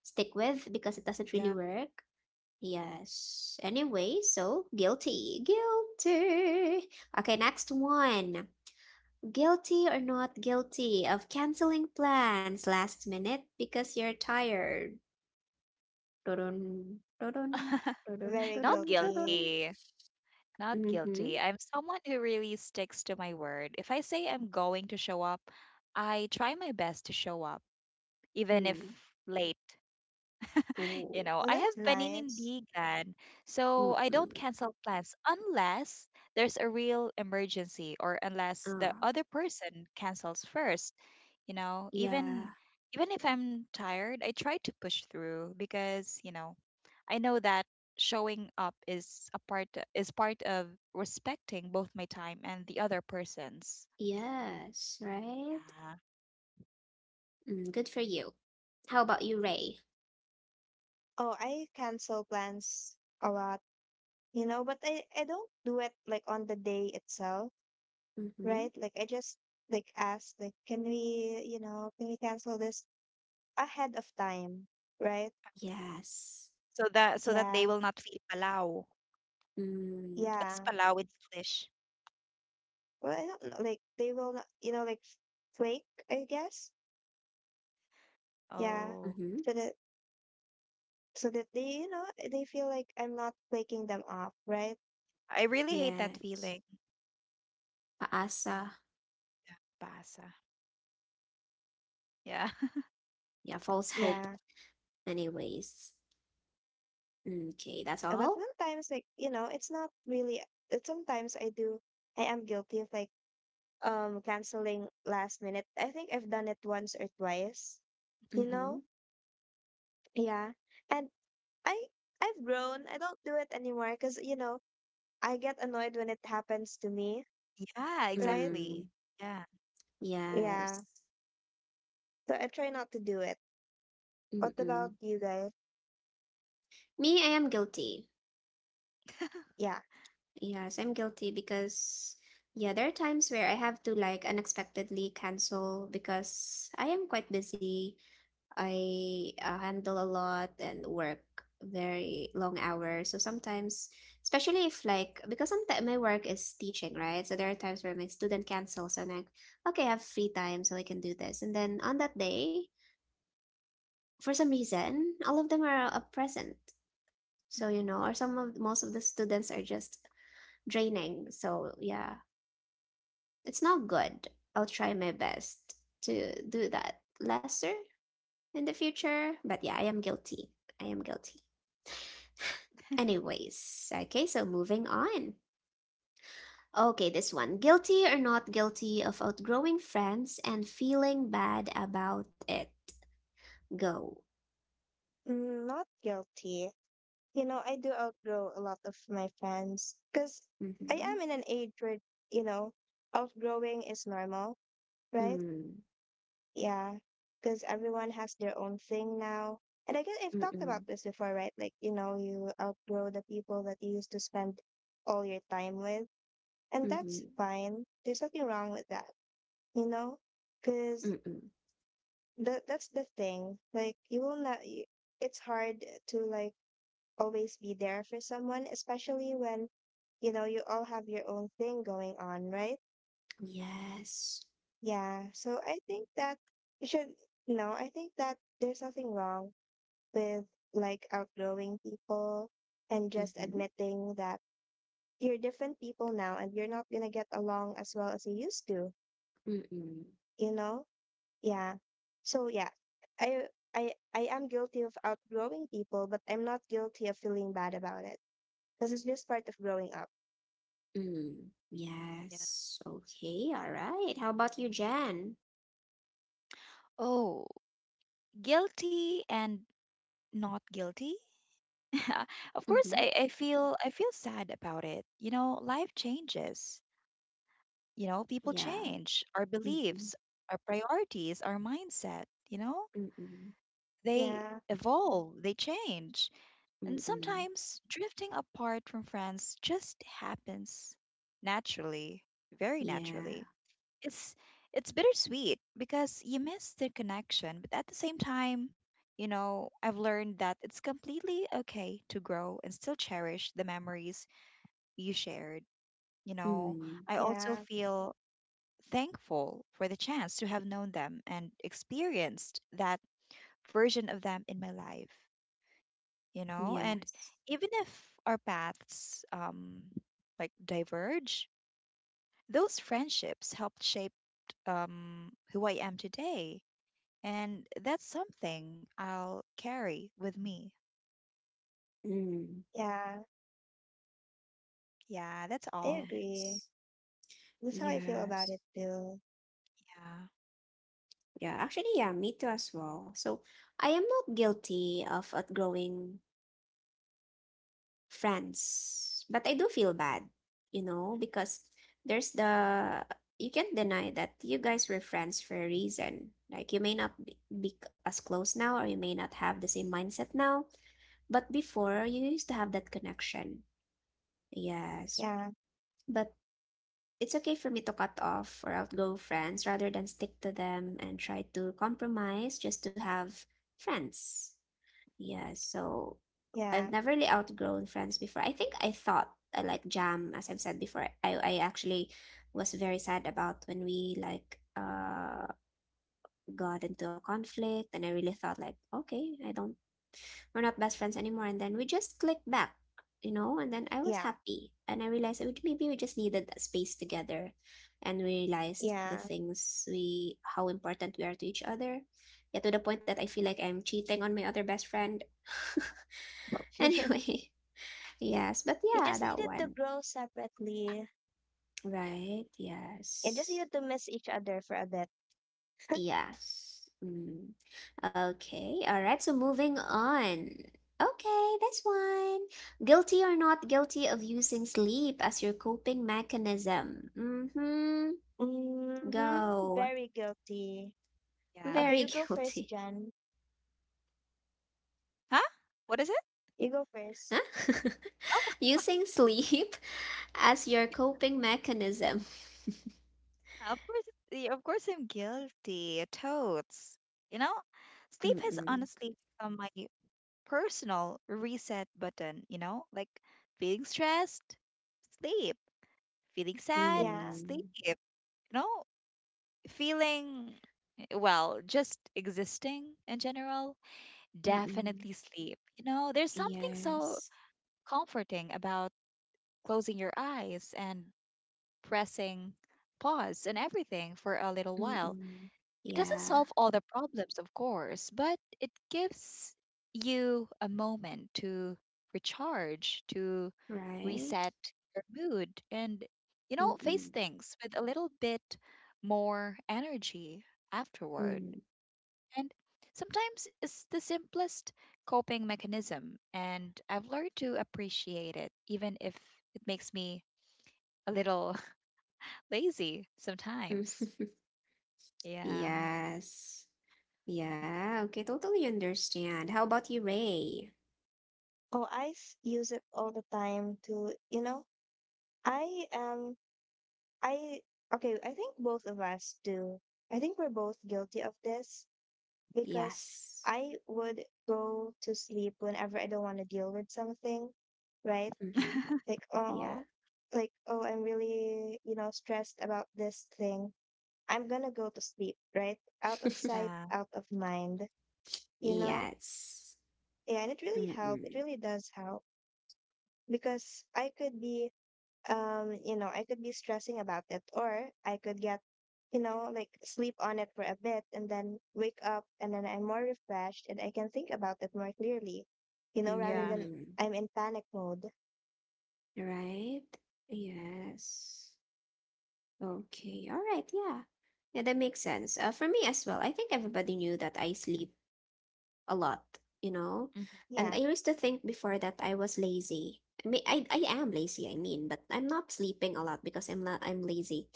A: stick with because it doesn't really
B: Yeah.
A: work. Yes. Anyway, so guilty. Okay, next one. Guilty or not guilty of canceling plans last minute because you're tired. Dun dun dun
C: very
B: Not
A: dun dun.
C: guilty.
B: guilty. Not
A: Mm-hmm.
B: guilty. I'm someone who really sticks to my word. If I say I'm going to show up, I try my best to show up, even if
A: Mm.
B: late. You
A: Oh.
B: know,
C: Oh,
B: I have
C: that's nice.
B: paninindigan, so I don't
A: Mm-mm.
B: cancel plans unless there's a real emergency or unless the
A: Ah,
B: other person cancels first. You know,
A: yeah.
B: even Even if I'm tired, I try to push through because, you know, I know that showing up is a part is part of respecting both my time and the other person's.
A: Yes. Right.
B: Yeah.
A: Mm, good for you. How about you, Ray?
C: Oh, I cancel plans a lot, you know, but I don't do it like on the day itself,
A: Mm-hmm.
C: right? Like I just like ask, like, can we, you know, can we cancel this ahead of time, right?
A: Yes.
B: So that they
C: Yeah,
B: will not feel palau.
A: Mm.
B: What's
C: yeah.
B: palau in English?
C: Well, I don't know. Like they will not, you know, like flake, I guess. Yeah.
B: Oh,
A: Mm-hmm.
C: So that they, you know, they feel like I'm not flaking them off, right?
B: I really hate that
A: Yes.
B: feeling.
A: Paasa.
B: Pasa. Yeah.
A: Yeah, false hope,
C: Yeah.
A: anyways. Okay, that's
C: But
A: all.
C: sometimes like, you know, it's not really sometimes I do I am guilty of like canceling last minute. I think I've done it once or twice, you
B: hmm
A: Mm-hmm.
C: know? Yeah. And I I've grown. I don't do it anymore because, you know, I get annoyed when it happens to me,
B: Yeah,
C: right?
B: exactly.
A: Mm,
B: Yeah.
C: Yeah.
A: yes.
C: So I try not to do it. What
A: Mm-mm.
C: about you guys?
A: Me, I am guilty.
C: Yeah,
A: Yes, I'm guilty because, yeah, there are times where I have to like unexpectedly cancel because I am quite busy. I handle a lot and work very long hours. So sometimes, especially if like because sometimes my work is teaching, right? So there are times where my student cancels and I'm like, okay, I have free time, so I can do this. And then on that day, for some reason, all of them are present. So you know, or some of most of the students are just draining. So yeah, it's not good. I'll try my best to do that lesser in the future. But yeah, I am guilty. I am guilty. Anyways, okay, so moving on. Okay, this one. Guilty or not guilty of outgrowing friends and feeling bad about it. Go.
C: not guilty. You know, I do outgrow a lot of my friends because I
A: Mm-hmm.
C: am in an age where, you know, outgrowing is normal, right?
A: Mm.
C: Yeah, because everyone has their own thing now. And I guess I've talked
A: Mm-mm.
C: about this before, right? Like, you know, you outgrow the people that you used to spend all your time with. And
A: Mm-hmm.
C: that's fine. There's nothing wrong with that, you know? Because
A: Mm-mm.
C: that that's the thing. Like you will not. Y- It's hard to like always be there for someone, especially when you know you all have your own thing going on, right?
A: Yes.
C: Yeah. So I think that you should. No, I think that there's nothing wrong with like outgrowing people and just
A: Mm-hmm.
C: admitting that you're different people now and you're not gonna get along as well as you used to.
A: Mm-mm.
C: You know. Yeah. So yeah, I I am guilty of outgrowing people, but I'm not guilty of feeling bad about it because it's just part of growing up.
A: Mm.
B: Yeah.
A: Yes. Okay. All right. How about you, Jen?
B: Oh, guilty and not guilty? Of course,
A: Mm-hmm.
B: I feel sad about it. You know, life changes. You know, people
A: Yeah.
B: change. Our
A: Mm-mm.
B: beliefs, our priorities, our mindset, you know,
A: Mm-mm.
B: they
C: Yeah.
B: evolve, they change. And
A: Mm-mm.
B: sometimes drifting apart from friends just happens naturally, very
A: Yeah.
B: naturally. It's it's bittersweet because you miss their connection, but at the same time, you know, I've learned that it's completely okay to grow and still cherish the memories you shared. You know,
A: Mm,
B: I also
C: Yeah.
B: feel thankful for the chance to have known them and experienced that version of them in my life, you know, and
A: yes.
B: even if our paths like diverge, those friendships helped shape who I am today. And that's something I'll carry with me.
A: Mm,
C: Yeah.
B: Yeah, that's
C: I
B: all.
C: agree.
A: yes.
C: That's how I feel about
A: Yes.
C: it too.
B: Yeah.
A: Yeah, actually, yeah, me too as well. So I am not guilty of outgrowing friends, but I do feel bad, you know, because there's the, you can't deny that you guys were friends for a reason. Like you may not be as close now, or you may not have the same mindset now, but before you used to have that connection. Yes.
C: Yeah.
A: But it's okay for me to cut off or outgo friends rather than stick to them and try to compromise just to have friends. Yeah, so I've
C: Yeah.
A: never really outgrown friends before. I think I thought I like jam, as I've said before. I actually was very sad about when we like got into a conflict and I really thought like, okay, I don't we're not best friends anymore, and then we just clicked back, you know, and then I was
C: Yeah.
A: happy and I realized that maybe we just needed that space together and we realized the
C: Yeah.
A: things we how important we are to each other. Yeah, to the point that I feel like I'm cheating on my other best friend.
C: You
A: Anyway, yes, but yeah,
C: just
A: that
C: needed to
A: one.
C: grow separately.
B: Yeah.
A: Right,
C: You just
A: yes.
C: needed to miss each other for a bit.
A: Yes. Mm. Okay. All right. So moving on. Okay, this one. Guilty or not guilty of using sleep as your coping mechanism? Mm-hmm.
C: Mm-hmm.
A: Go.
C: Very guilty.
B: Yeah.
C: Okay,
A: Very
C: you go first,
A: guilty.
C: Jen.
B: Huh? What is it?
C: You go first.
A: Huh?
B: Oh,
A: Using sleep as your coping mechanism.
B: of course, yeah, of course I'm guilty. Totes. You know, sleep has
A: Mm-mm.
B: honestly become my personal reset button, you know? Like feeling stressed, sleep. Feeling sad,
C: Yeah.
B: sleep.
A: Mm.
B: You know, feeling well, just existing in general.
A: Mm-mm.
B: Definitely sleep. You know, there's something so
A: Yes.
B: comforting about closing your eyes and pressing pause and everything for a little while.
A: Mm-mm.
B: It doesn't
A: Yeah.
B: solve all the problems, of course, but it gives you a moment to recharge, to
A: Right?
B: reset your mood, and, you know, face
A: Mm-mm.
B: things with a little bit more energy afterward.
A: Mm.
B: And sometimes it's the simplest coping mechanism, and I've learned to appreciate it, even if it makes me a little lazy sometimes. Yeah.
A: Yes. Yeah, okay, totally understand. How about you, Ray?
C: Oh, I s- use it all the time to, you know, I am, I, okay, I think both of us do. I think we're both guilty of this because
A: Yes.
C: I would go to sleep whenever I don't want to deal with something, right?
A: Mm-hmm.
C: Like,
A: Yeah.
C: oh, like, oh, I'm really, you know, stressed about this thing. I'm gonna go to sleep, right? Out of sight,
B: Yeah.
C: out of mind, you know?
A: Yes.
C: Yeah, and it really helped. It
A: Mm-mm.
C: really does help because I could be you know, I could be stressing about it, or I could get, you know, like sleep on it for a bit and then wake up and then I'm more refreshed and I can think about it more clearly, you know, rather
B: Yeah.
C: than
A: Mm.
C: I'm in panic mode.
A: Right? Yes. Okay. All right. Yeah. Yeah, that makes sense. For me as well, I think everybody knew that I sleep a lot, you know?
B: Hmm.
A: And I
C: Yeah.
A: used to think before that I was lazy. I mean, I am lazy, I mean, but I'm not sleeping a lot because I'm lazy.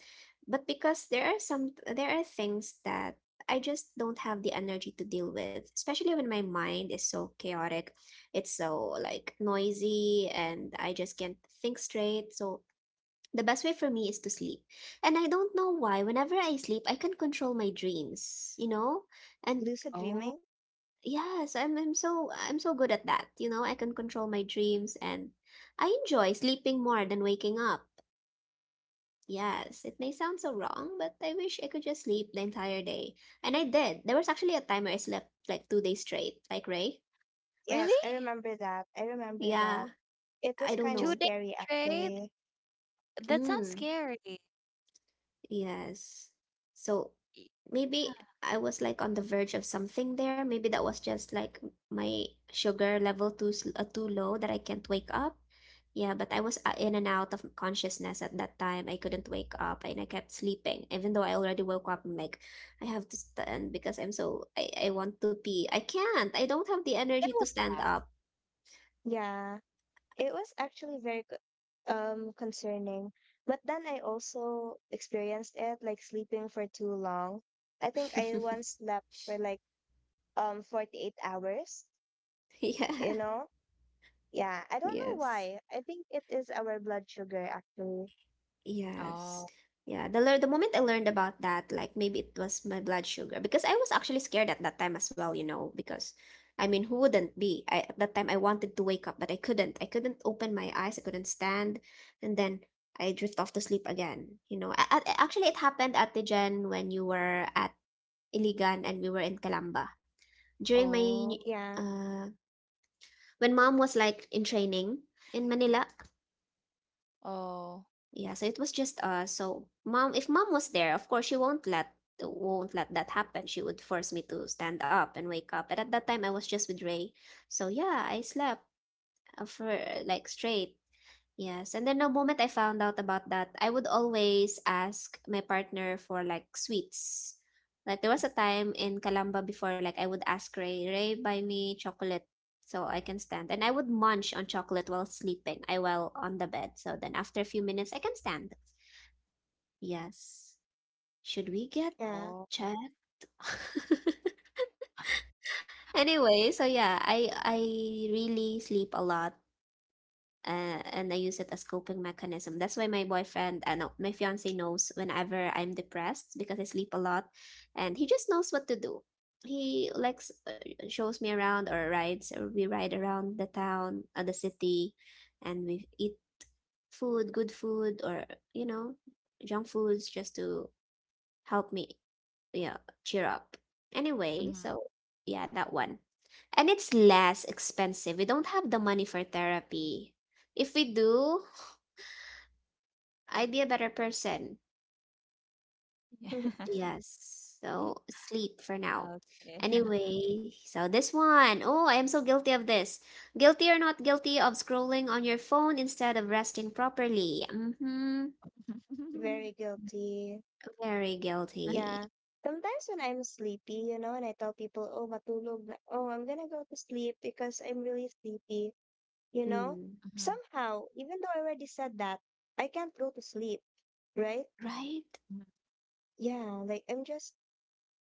A: But because there are some there are things that I just don't have the energy to deal with, especially when my mind is so chaotic. It's so like noisy and I just can't think straight. So the best way for me is to sleep. And I don't know why, whenever I sleep, I can control my dreams, you know? And
C: Lucid
B: Oh,
C: dreaming?
A: yes, I'm so good at that. You know, I can control my dreams and I enjoy sleeping more than waking up. Yes, it may sound so wrong, but I wish I could just sleep the entire day. And I did. There was actually a time where I slept like 2 days straight, like Ray.
B: really?
C: Yes, I remember that. I remember that.
A: Yeah,
C: It
A: I
C: was
A: don't
C: kind of
B: Two
A: know.
B: days
C: scary,
B: straight?
C: actually.
B: That sounds
A: Mm.
B: scary.
A: Yes. So
B: Yeah.
A: maybe I was like on the verge of something there. Maybe that was just like my sugar level too too low that I can't wake up. Yeah, but I was in and out of consciousness at that time. I couldn't wake up and I kept sleeping. Even though I already woke up, I'm like, I have to stand because I want to pee. I can't. I don't have the
B: When
A: energy to
B: was
A: stand
B: that?
A: up.
C: Yeah. It was actually very concerning. But then I also experienced it like sleeping for too long. I think I once slept for like 48 hours,
A: Yeah.
C: you know? Yeah, I don't know
A: Yes.
C: why. I think it is our blood sugar actually.
A: Yes.
B: Oh,
A: Yeah, the the moment I learned about that, like maybe it was my blood sugar because I was actually scared at that time as well, you know, because I mean, who wouldn't be? At that time I wanted to wake up, but I couldn't. I couldn't open my eyes, I couldn't stand, and then I drift off to sleep again, you know. Actually it happened at the Jen when you were at Iligan and we were in Calamba. During my
B: oh,
C: Yeah,
A: uh when mom was like in training in Manila.
B: oh,
A: Yeah, so it was just us. So mom, if mom was there, of course she won't let that happen. She would force me to stand up and wake up. But at that time, I was just with Ray. So yeah, I slept for like straight. Yes, and then the moment I found out about that, I would always ask my partner for like sweets. Like there was a time in Calamba before, like I would ask Ray, Ray, buy me chocolate so I can stand. And I would munch on chocolate while sleeping. I while on the bed. So then after a few minutes, I can stand. Yes. Should we get
B: oh.
C: yeah.
A: checked? Anyway, so yeah, I really sleep a lot, and I use it as coping mechanism. That's why my boyfriend, no, my fiance knows whenever I'm depressed because I sleep a lot, and he just knows what to do. He likes shows me around or rides or we ride around the town, the city, and we eat food, good food, or you know, junk foods just to help me, yeah, cheer up. Anyway,
B: Hmm.
A: so yeah, that one. And it's less expensive. We don't have the money for therapy. If we do, I'd be a better person. Yes. So sleep for now.
B: Okay.
A: Anyway, so this one. Oh, I am so guilty of this. Guilty or not guilty of scrolling on your phone instead of resting properly. Mm-hmm.
B: Mhm.
C: Very guilty.
A: Very guilty.
C: Yeah. Sometimes when I'm sleepy, you know, and I tell people, "Oh, matulog na. Oh, I'm gonna go to sleep because I'm really sleepy." You know?
A: Mm.
C: Somehow, even though I already said that, I can't go to sleep, right?
A: Right?
B: Mhm.
C: Yeah, like I'm just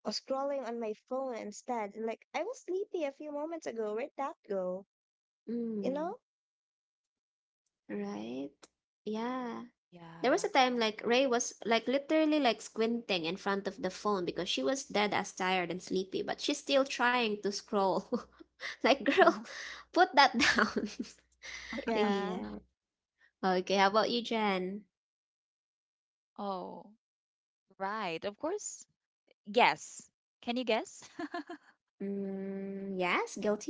C: scrolling on my phone instead. And like I was sleepy a few moments ago. Where'd that go? You
A: Mm.
C: know?
A: Right? Yeah.
B: Yeah.
A: There was a time like Ray was like literally like squinting in front of the phone because she was dead as tired and sleepy, but she's still trying to scroll. Like, girl, put that down.
C: Yeah.
A: Yeah. Okay, how about you, Jen?
B: Oh, right. Of course. Guess. Can you guess?
A: Mm, yes, guilty?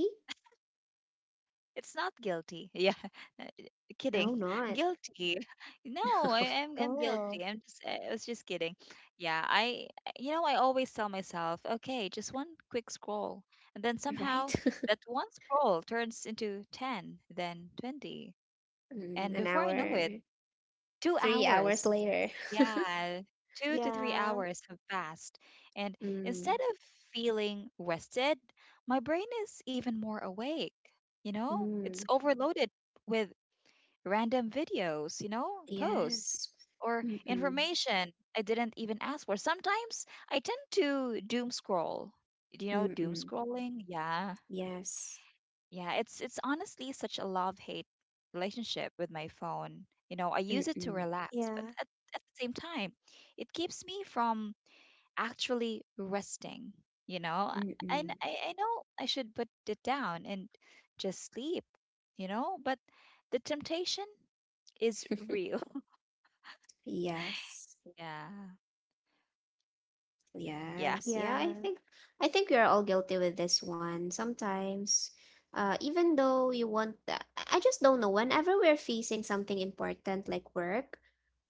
B: It's not guilty. Yeah.
A: No,
B: Kidding.
A: not.
B: Guilty. No, I am I'm
C: Oh.
B: guilty. I was just kidding. Yeah, I always tell myself, okay, just one quick scroll. And then
A: Right?
B: somehow that one scroll turns into 10, then 20.
A: Mm,
B: And
A: an
B: before I know it,
A: hour,
B: 2
A: 3 hours
B: hours.
A: later.
B: Yeah, 2 to 3
C: Yeah.
B: hours have passed. And instead
A: Mm,
B: of feeling rested, my brain is even more awake. You know, it's
A: mm,
B: overloaded with random videos, posts
A: yes.
B: or
A: Mm-mm,
B: information I didn't even ask for. Sometimes I tend to doom scroll. Do you know doom
A: mm-mm,
B: scrolling? Yeah.
A: yes.
B: Yeah, it's honestly such a love-hate relationship with my phone. You know, I use it to
A: Mm-mm,
B: relax, but
C: Yeah.
B: at the same time, it keeps me from actually resting, you know? I,
A: mm-mm.
B: I I know I should put it down and just sleep, you know, but the temptation is real.
A: Yes.
B: Yeah. Yeah.
A: Yes. Yeah,
C: Yeah.
A: I think we are all guilty with this one. Sometimes, even though you want, I just don't know. Whenever we're facing something important like work,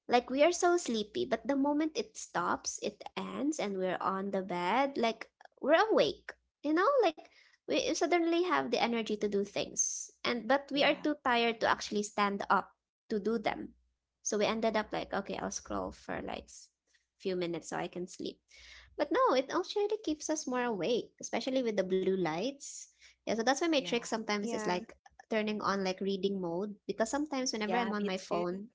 A: like we are so sleepy, but the moment it stops, it ends, and we're on the bed, like we're awake. You know, like we suddenly have the energy to do things, and but we are
B: Yeah.
A: too tired to actually stand up to do them. So we ended up like, okay, I'll scroll for like few minutes so I can sleep. But no, it actually keeps us more awake, especially with the blue lights. Yeah, so that's why my
B: Yeah.
A: trick sometimes is
C: Yeah.
A: like turning on like reading mode because sometimes whenever
B: Yeah,
A: I'm on
B: me
A: my
B: too.
A: phone,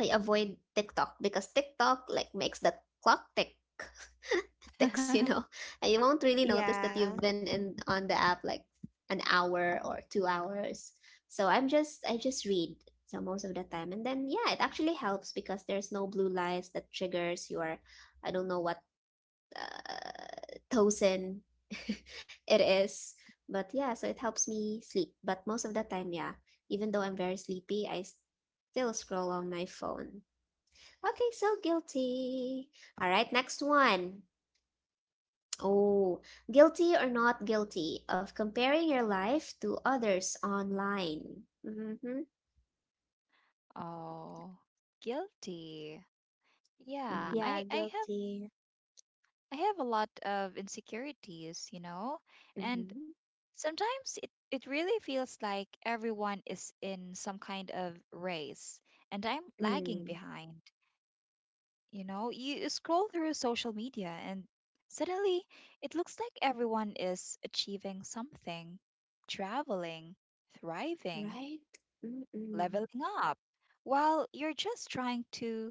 A: I avoid TikTok because TikTok like makes that clock tick ticks, you know, and you won't really notice that you've
C: Yeah.
A: been in on the app like an hour or 2 hours. So I just read so most of the time, and then yeah, it actually helps because there's no blue lights that triggers your I don't know what tosin it is, but yeah, so it helps me sleep. But most of the time, yeah, even though I'm very sleepy, I still scroll on my phone. Okay, so guilty. All right, next one. Oh, guilty or not guilty of comparing your life to others online. Mm-hmm.
B: Oh, guilty. Yeah,
A: Mm-hmm.
C: Yeah.
B: I I have
C: Guilty.
B: I have a lot of insecurities, you know, and
A: Mm-hmm.
B: sometimes it really feels like everyone is in some kind of race and I'm lagging
A: Mm.
B: behind. You know, you scroll through social media and suddenly it looks like everyone is achieving something, traveling, thriving,
A: Right? Mm-mm.
B: leveling up, while you're just trying to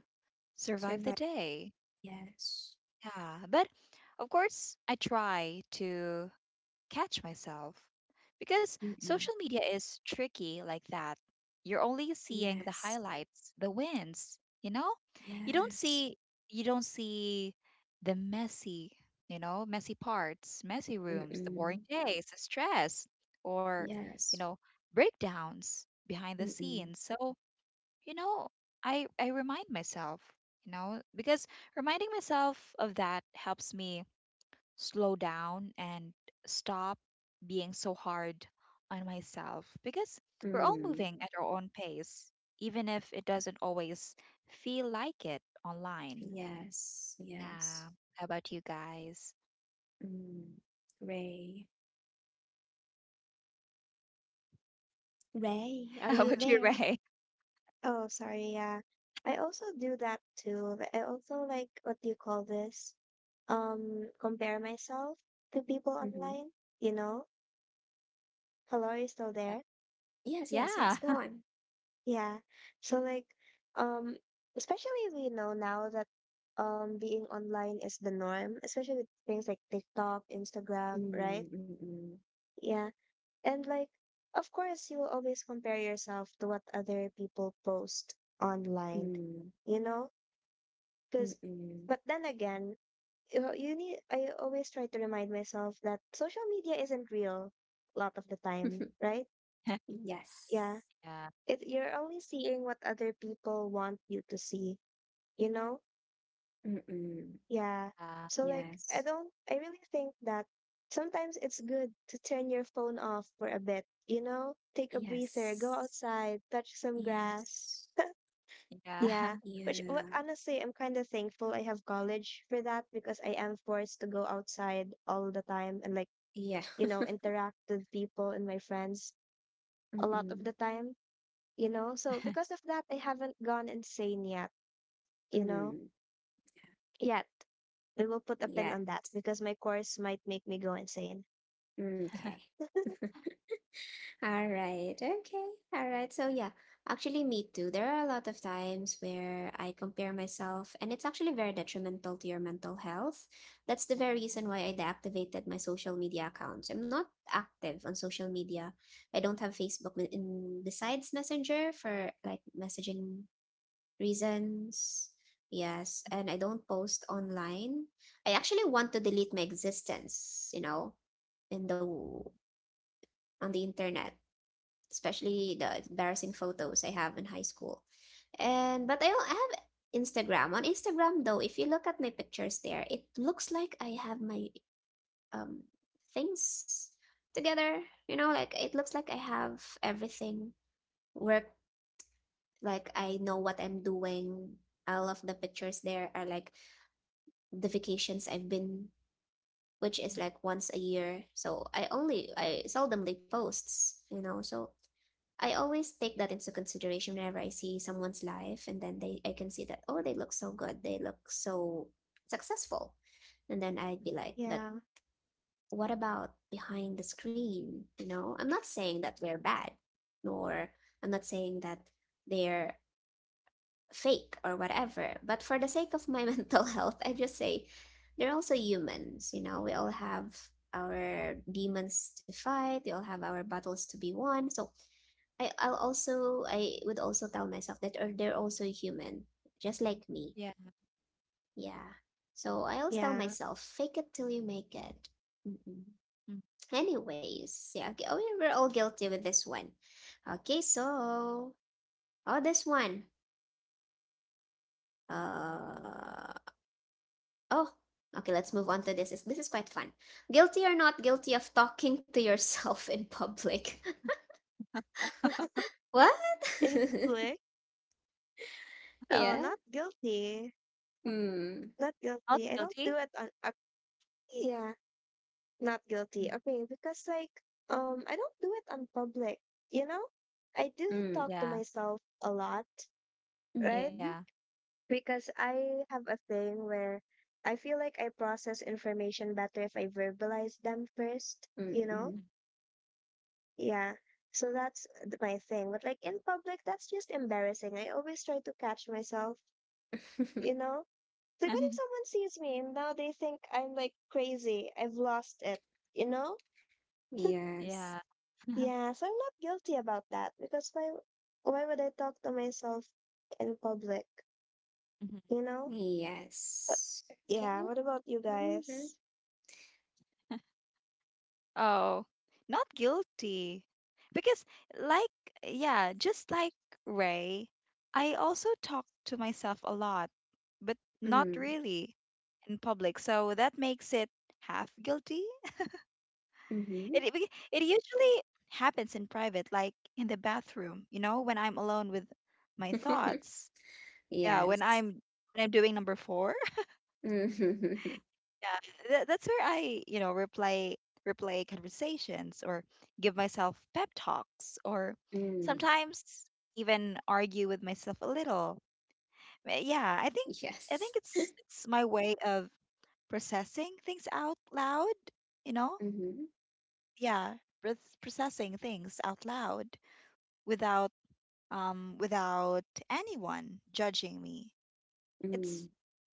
B: survive the
A: Survive.
B: day.
A: Yes.
B: Yeah, but of course, I try to catch myself. Because
A: Mm-mm.
B: social media is tricky like that. You're only seeing the
A: Yes.
B: highlights, the wins, you know? You don't
A: Yes.
B: see you don't see the messy, you know, messy parts, messy rooms, the boring
A: Mm-mm.
B: days, the stress, or, you
A: Yes.
B: know, breakdowns behind the
A: Mm-mm.
B: scenes. So, you know, I remind myself, you know, because reminding myself of that helps me slow down and stop being so hard on myself because we're all
A: Mm.
B: moving at our own pace, even if it doesn't always feel like it online.
A: Yes. Yes.
B: Yeah. How about you guys?
A: Mm. Ray. Ray, are
B: How
C: Yeah.
B: about
A: you
B: you,
A: there?
B: Ray?
C: Oh, sorry. Yeah. I also do that too. Like, I also like what do you call this? Compare myself to people
A: Mm-hmm.
C: online, you know? Hello, are you still
B: Yeah.
C: there?
A: Yes, yes, yes.
B: Yeah.
A: Go on.
C: Yeah. So like, um, especially we know now that being online is the norm, especially with things like TikTok, Instagram, right?
A: Mm, mm,
C: Yeah. And like, of course, you will always compare yourself to what other people post
A: mm,
C: online,
A: mm,
C: you know?
A: mm,
C: Because,
A: mm.
C: but then again, you need, I always try to remind myself that social media isn't real a lot of the time, right? Yeah.
A: Yes.
B: Yeah.
C: It, you're only seeing what other people want you to see, you know?
A: Mm-mm.
C: Yeah.
B: Uh,
C: So like I
A: Yes.
C: don't I really think that sometimes it's good to turn your phone off for a bit, you know? Take a breather, go
A: Yes.
C: outside, touch some grass.
A: Yes.
C: Yeah.
B: yeah.
C: Which wh-
A: Yeah.
C: honestly, I'm kind of thankful I have college for that because I am forced to go outside all the time and like,
A: Yeah.
C: you know, interact with people and my friends a lot of
A: Mm-mm.
C: the time, you know? So because of that, I haven't gone insane yet, you know?
A: Mm.
C: Yet. We will put a pin
A: Yeah.
C: on that because my course might make me go insane.
A: Okay. All right. Okay. All right. So yeah, actually me too. There are a lot of times where I compare myself and it's actually very detrimental to your mental health. That's the very reason why I deactivated my social media accounts. I'm not active on social media. I don't have Facebook wi- in besides Messenger for like messaging reasons. Yes, and I don't post online. I actually want to delete my existence, you know, in the on the internet, especially the embarrassing photos I have in high school. And but I, al- I have Instagram. On Instagram though, if you look at my pictures there, it looks like I have my um things together. You know, like it looks like I have everything work like I know what I'm doing. All of the pictures there are like the vacations I've been, which is
B: Mhm.
A: like once a year. So I seldomly posts, you know. So I always take that into consideration whenever I see someone's life, and then they I can see that, oh, they look so good, they look so successful, and then I'd be like, but
C: Yeah,
A: what about behind the screen? You know, I'm not saying that they're bad, nor I'm not saying that they're fake or whatever. But for the sake of my mental health, I just say they're also humans. You know, we all have our demons to fight, we all have our battles to be won. So I would also tell myself that, or they're also human, just like me.
B: Yeah.
A: Yeah. So I always tell
C: yeah.
A: myself, fake it till you make it. Mhm.
B: Mm.
A: Anyways, yeah, okay. Oh, yeah, we're all guilty with this one. Okay, so oh, this one. Uh oh. Okay, let's move on to this. Is This is quite fun. Guilty or not guilty of talking to yourself in public? What?
C: In public,
A: Yeah.
C: not guilty.
A: Mm.
C: Not
B: Not
C: guilty. I don't
B: guilty.
C: do it on, yeah, not guilty.
B: Mm.
C: Okay, because like, I don't do it on public, you know? I do
A: Mm.
C: talk to
B: Yeah.
C: myself a lot, right?
B: Yeah.
A: Mm-hmm.
C: Because I have a thing where I feel like I process information better if I verbalize them first, you
A: Mm-hmm.
C: know? Yeah. So that's th- my thing. But like in public, that's just embarrassing. I always try to catch myself you know? It's Like, what if someone sees me and now they think I'm like crazy? I've lost it, you know?
A: Yes.
B: Yeah.
C: Yeah, so I'm not guilty about that because why would I talk to myself in public,
B: Mhm.
C: you know? But
A: Yes. Okay.
C: yeah, what about you
A: Mm-hmm.
C: guys?
B: Oh, not guilty. Because, like, yeah, just like Ray, I also talk to myself a lot, but not
A: Mm.
B: really in public. So that makes it half guilty. It,
A: Mm-hmm.
B: it, beca- it usually happens in private, like in the bathroom, you know, when I'm alone with my thoughts. Yeah, when
A: Yes.
B: I'm when I'm doing number four.
A: Mm-hmm.
B: Yeah, that's where I replay conversations or give myself pep talks or
A: Mm.
B: sometimes even argue with myself a little. Yeah, I think I
A: Yes.
B: think it's my way of processing things out loud, you know?
A: Mm-hmm.
B: Yeah, processing things out loud without without anyone judging me. It's
A: Mm.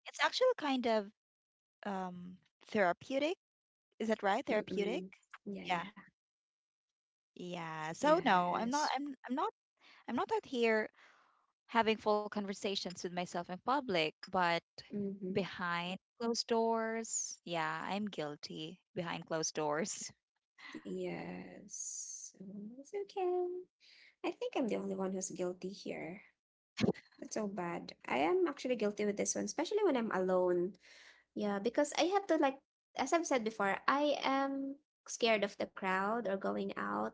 B: it's actually kind of um therapeutic. Is that right? Therapeutic?
A: Mm-mm. Yeah,
B: Yeah.
A: yeah.
B: Yeah. So no, I'm not
A: Yes.
B: I'm I'm not I'm not out here having full conversations with myself in public, but
A: Mm-hmm.
B: behind closed doors, yeah, I'm guilty behind closed doors.
A: Yes. Mm, it's okay. I think I'm the only one who's guilty here. That's so bad. I am actually guilty with this one, especially when I'm alone. Yeah, because I have to, like, as I've said before, I am scared of the crowd or going out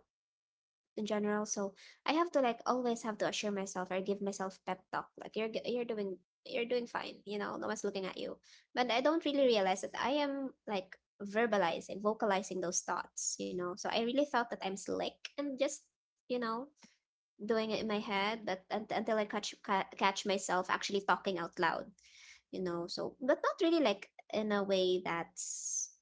A: in general. So I have to like always have to assure myself or give myself pep talk. Like you're doing, you're doing fine, you know, no one's looking at you. But I don't really realize that I am like verbalizing, vocalizing those thoughts, you know. So I really thought that I'm slick and just, you know, doing it in my head, but until I catch myself actually talking out loud, you know. So but not really like in a way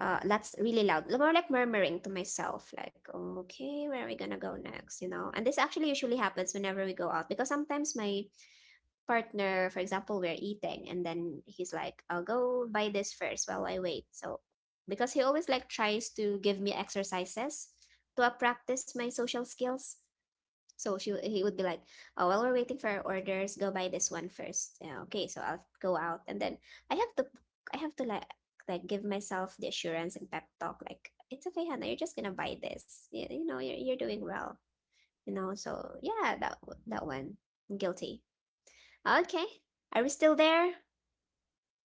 A: that's really loud, more like murmuring to myself like, "Oh, okay, where are we gonna go next," you know. And this actually usually happens whenever we go out, because sometimes my partner, for example, we're eating and then he's like, I'll go buy this first while I wait. So because he always like tries to give me exercises to, practice my social skills, so she he would be like, "Oh, while we're waiting for our orders, go buy this one first." Yeah, okay, so I'll go out and then I have to I have to like, give myself the assurance and pep talk, like, it's okay, Hannah. You're just gonna buy this. You know, you're doing well. You know, so yeah, that that one, I'm guilty. Okay, are we still there?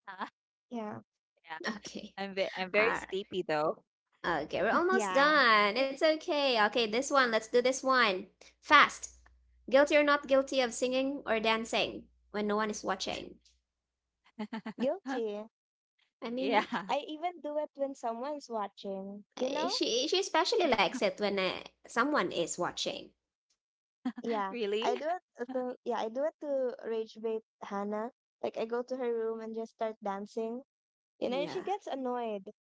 B: Huh?
C: Yeah,
B: Yeah.
A: Okay,
B: I'm very
A: all
B: sleepy though.
A: Okay, we're almost
C: yeah,
A: done. It's okay. Okay, this one. Let's do this one. Fast. Guilty or not guilty of singing or dancing when no one is watching?
C: guilty.
A: I
B: Yeah.
A: mean,
C: I even do it when someone's watching, you
A: eh,
C: know?
A: she especially likes it when someone is watching.
C: Yeah,
B: Really?
C: I do it. To, yeah, I do it to rage bait Hannah. Like I go to her room and just start dancing. You know, she
A: Yeah.
C: gets annoyed.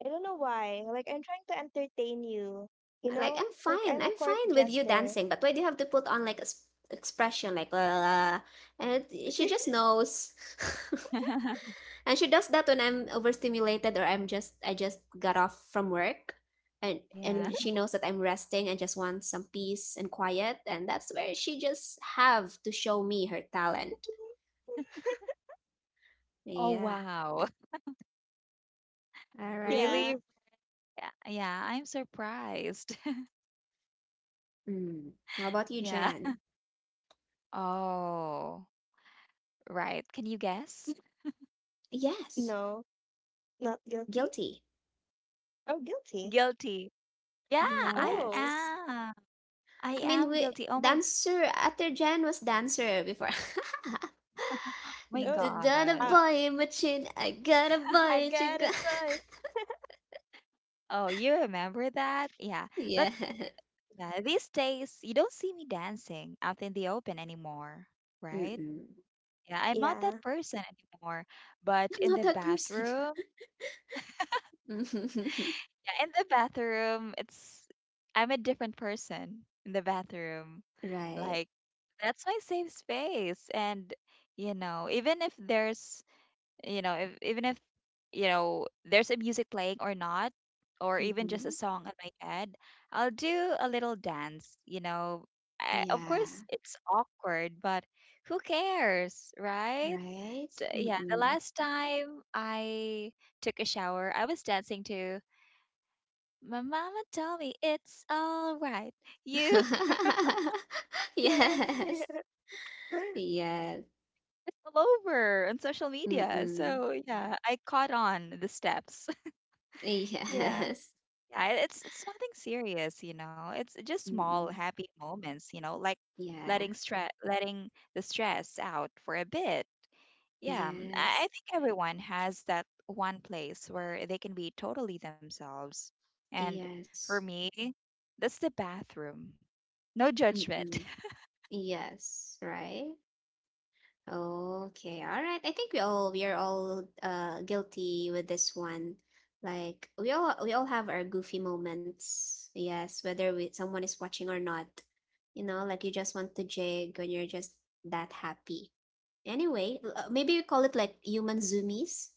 C: I don't know why. Like I'm trying to entertain you. You
A: Like I'm
C: know, like
A: fine.
C: I'm
A: I'm
C: a court
A: fine with you
C: jester.
A: dancing, but why do you have to put on like expression like la la, la? And it, she just knows. And she does that when I'm overstimulated or I'm just, I just got off from work, and
B: Yeah.
A: she knows that I'm resting and just want some peace and quiet, and that's where she just have to show me her talent.
B: Oh,
A: Yeah.
B: wow.
A: All right.
C: Yeah.
B: Really? Yeah, yeah, I'm surprised.
A: Mm. How about you,
B: Yeah.
A: Jan?
B: Oh, right. Can you guess?
A: Yes.
C: No, not guilty.
A: Guilty.
C: Oh, guilty.
B: Guilty. Yeah, I
C: Oh,
A: Yes.
B: am. I
A: I mean,
B: am
A: we
B: guilty. Oh, my
A: dancer after Jan was dancer before.
B: my
C: oh.
A: Da-da-da
B: gosh.
C: Uh,
A: boy in my chin. I got a
C: I
A: boy, you
C: gotta
A: got...
C: play.
B: Oh, you remember that? Yeah.
A: Yeah.
B: But yeah, these days you don't see me dancing out in the open anymore, right?
A: Mm.
B: Yeah, I'm not that
C: Yeah.
B: person anymore. But
A: I'm
B: in
A: not
B: the
A: that person.
B: bathroom,
A: Mhm.
B: yeah, in the bathroom, it's I'm a different person in the bathroom.
A: Right.
B: Like that's my safe space, and you know, even if there's you know if, even if you know there's a music playing or not, or even just a
A: Mhm.
B: song in my head, I'll do a little dance. Of course
A: Yeah.
B: it's awkward, but who cares, right?
A: Right.
B: So yeah, the
A: Mm.
B: last time I took a shower I was dancing to "My Mama Told Me It's All Right." You
A: Yes. Yes.
B: it's all over on social media,
A: Mm.
B: so yeah, I caught on the steps. Yeah.
C: yeah.
A: Yes.
B: Yeah, it's nothing serious, you know. It's just small
A: Mm.
B: happy moments, you know, like
A: Yeah.
B: letting the stress out for a bit. Yeah, I,
A: Yes.
B: I think everyone has that one place where they can be totally themselves. And for
A: Yes.
B: me, that's the bathroom. No judgment.
A: Mm. Yes. Right. Okay, all right. I think we are all guilty with this one. Like we all have our goofy moments. Yes, whether we, someone is watching or not. You know, like you just want to jig when you're just that happy. Anyway, maybe we call it like human zoomies.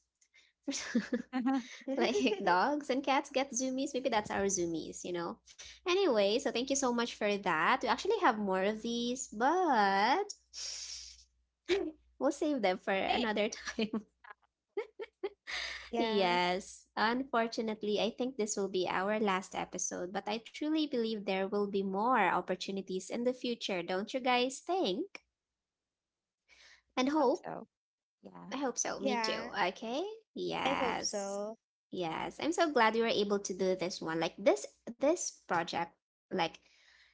B: I,
A: Like dogs and cats get zoomies, maybe that's our zoomies, you know. Anyway, so thank you so much for that. We actually have more of these, but we'll save them for another time.
C: yeah.
A: Yes, unfortunately I think this will be our last episode, but I truly believe there will be more opportunities in the future, don't you guys think? And
B: I hope
A: hope,
B: so.
A: I
B: Yeah.
A: hope so. Me too.
C: Yeah.
A: Okay.
C: I hope
A: Yes.
C: so.
A: Yes. I'm so glad we were able to do this one. Like this project like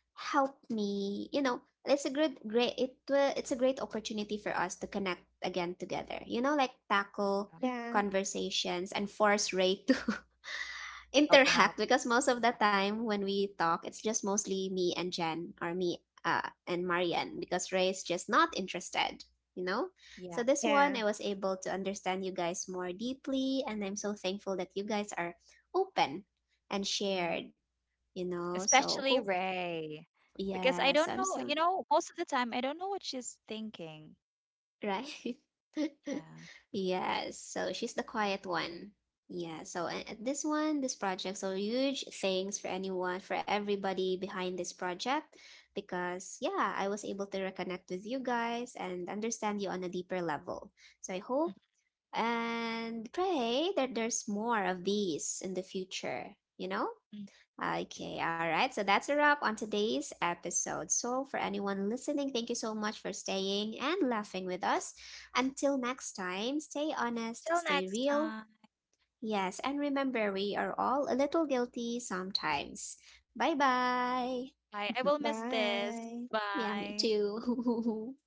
A: helped me, you know, it's a great great it will it's a great opportunity for us to connect again together. You know, like tackle
B: um,
C: Yeah.
A: conversations and force Ray to
B: Open
A: interact,
B: up.
A: because most of the time when we talk, it's just mostly me and Jen, or me and Marian, because Ray is just not interested, you know? So
B: Yeah.
A: this one,
C: Yeah.
A: I was able to understand you guys more deeply, and I'm so thankful that you guys are open and
B: Yeah.
A: shared, you know? So
B: Especially
A: hope,
B: Ray. Because
A: yeah.
B: I
A: So
B: don't
A: I'm
B: know,
A: so
B: you know, most of the time I don't know what she's thinking.
A: Right.
B: Yeah.
A: Yes. So she's the quiet one. Yeah. So at this one, this project, so huge thanks for anyone, for everybody behind this project, because yeah, I was able to reconnect with you guys and understand you on a deeper level. So I hope and pray that there's more of these in the future, you know?
B: Mm.
A: Okay, all right. So that's a wrap on today's episode. So, for anyone listening, thank you so much for staying and laughing with us. Until next time, stay honest,
B: Till
A: stay
B: next
A: real.
B: time.
A: Yes, and remember, we are all a little guilty sometimes. Bye bye.
B: Bye. I will miss this.
C: Bye.
A: Yeah, me
B: Bye.
A: too.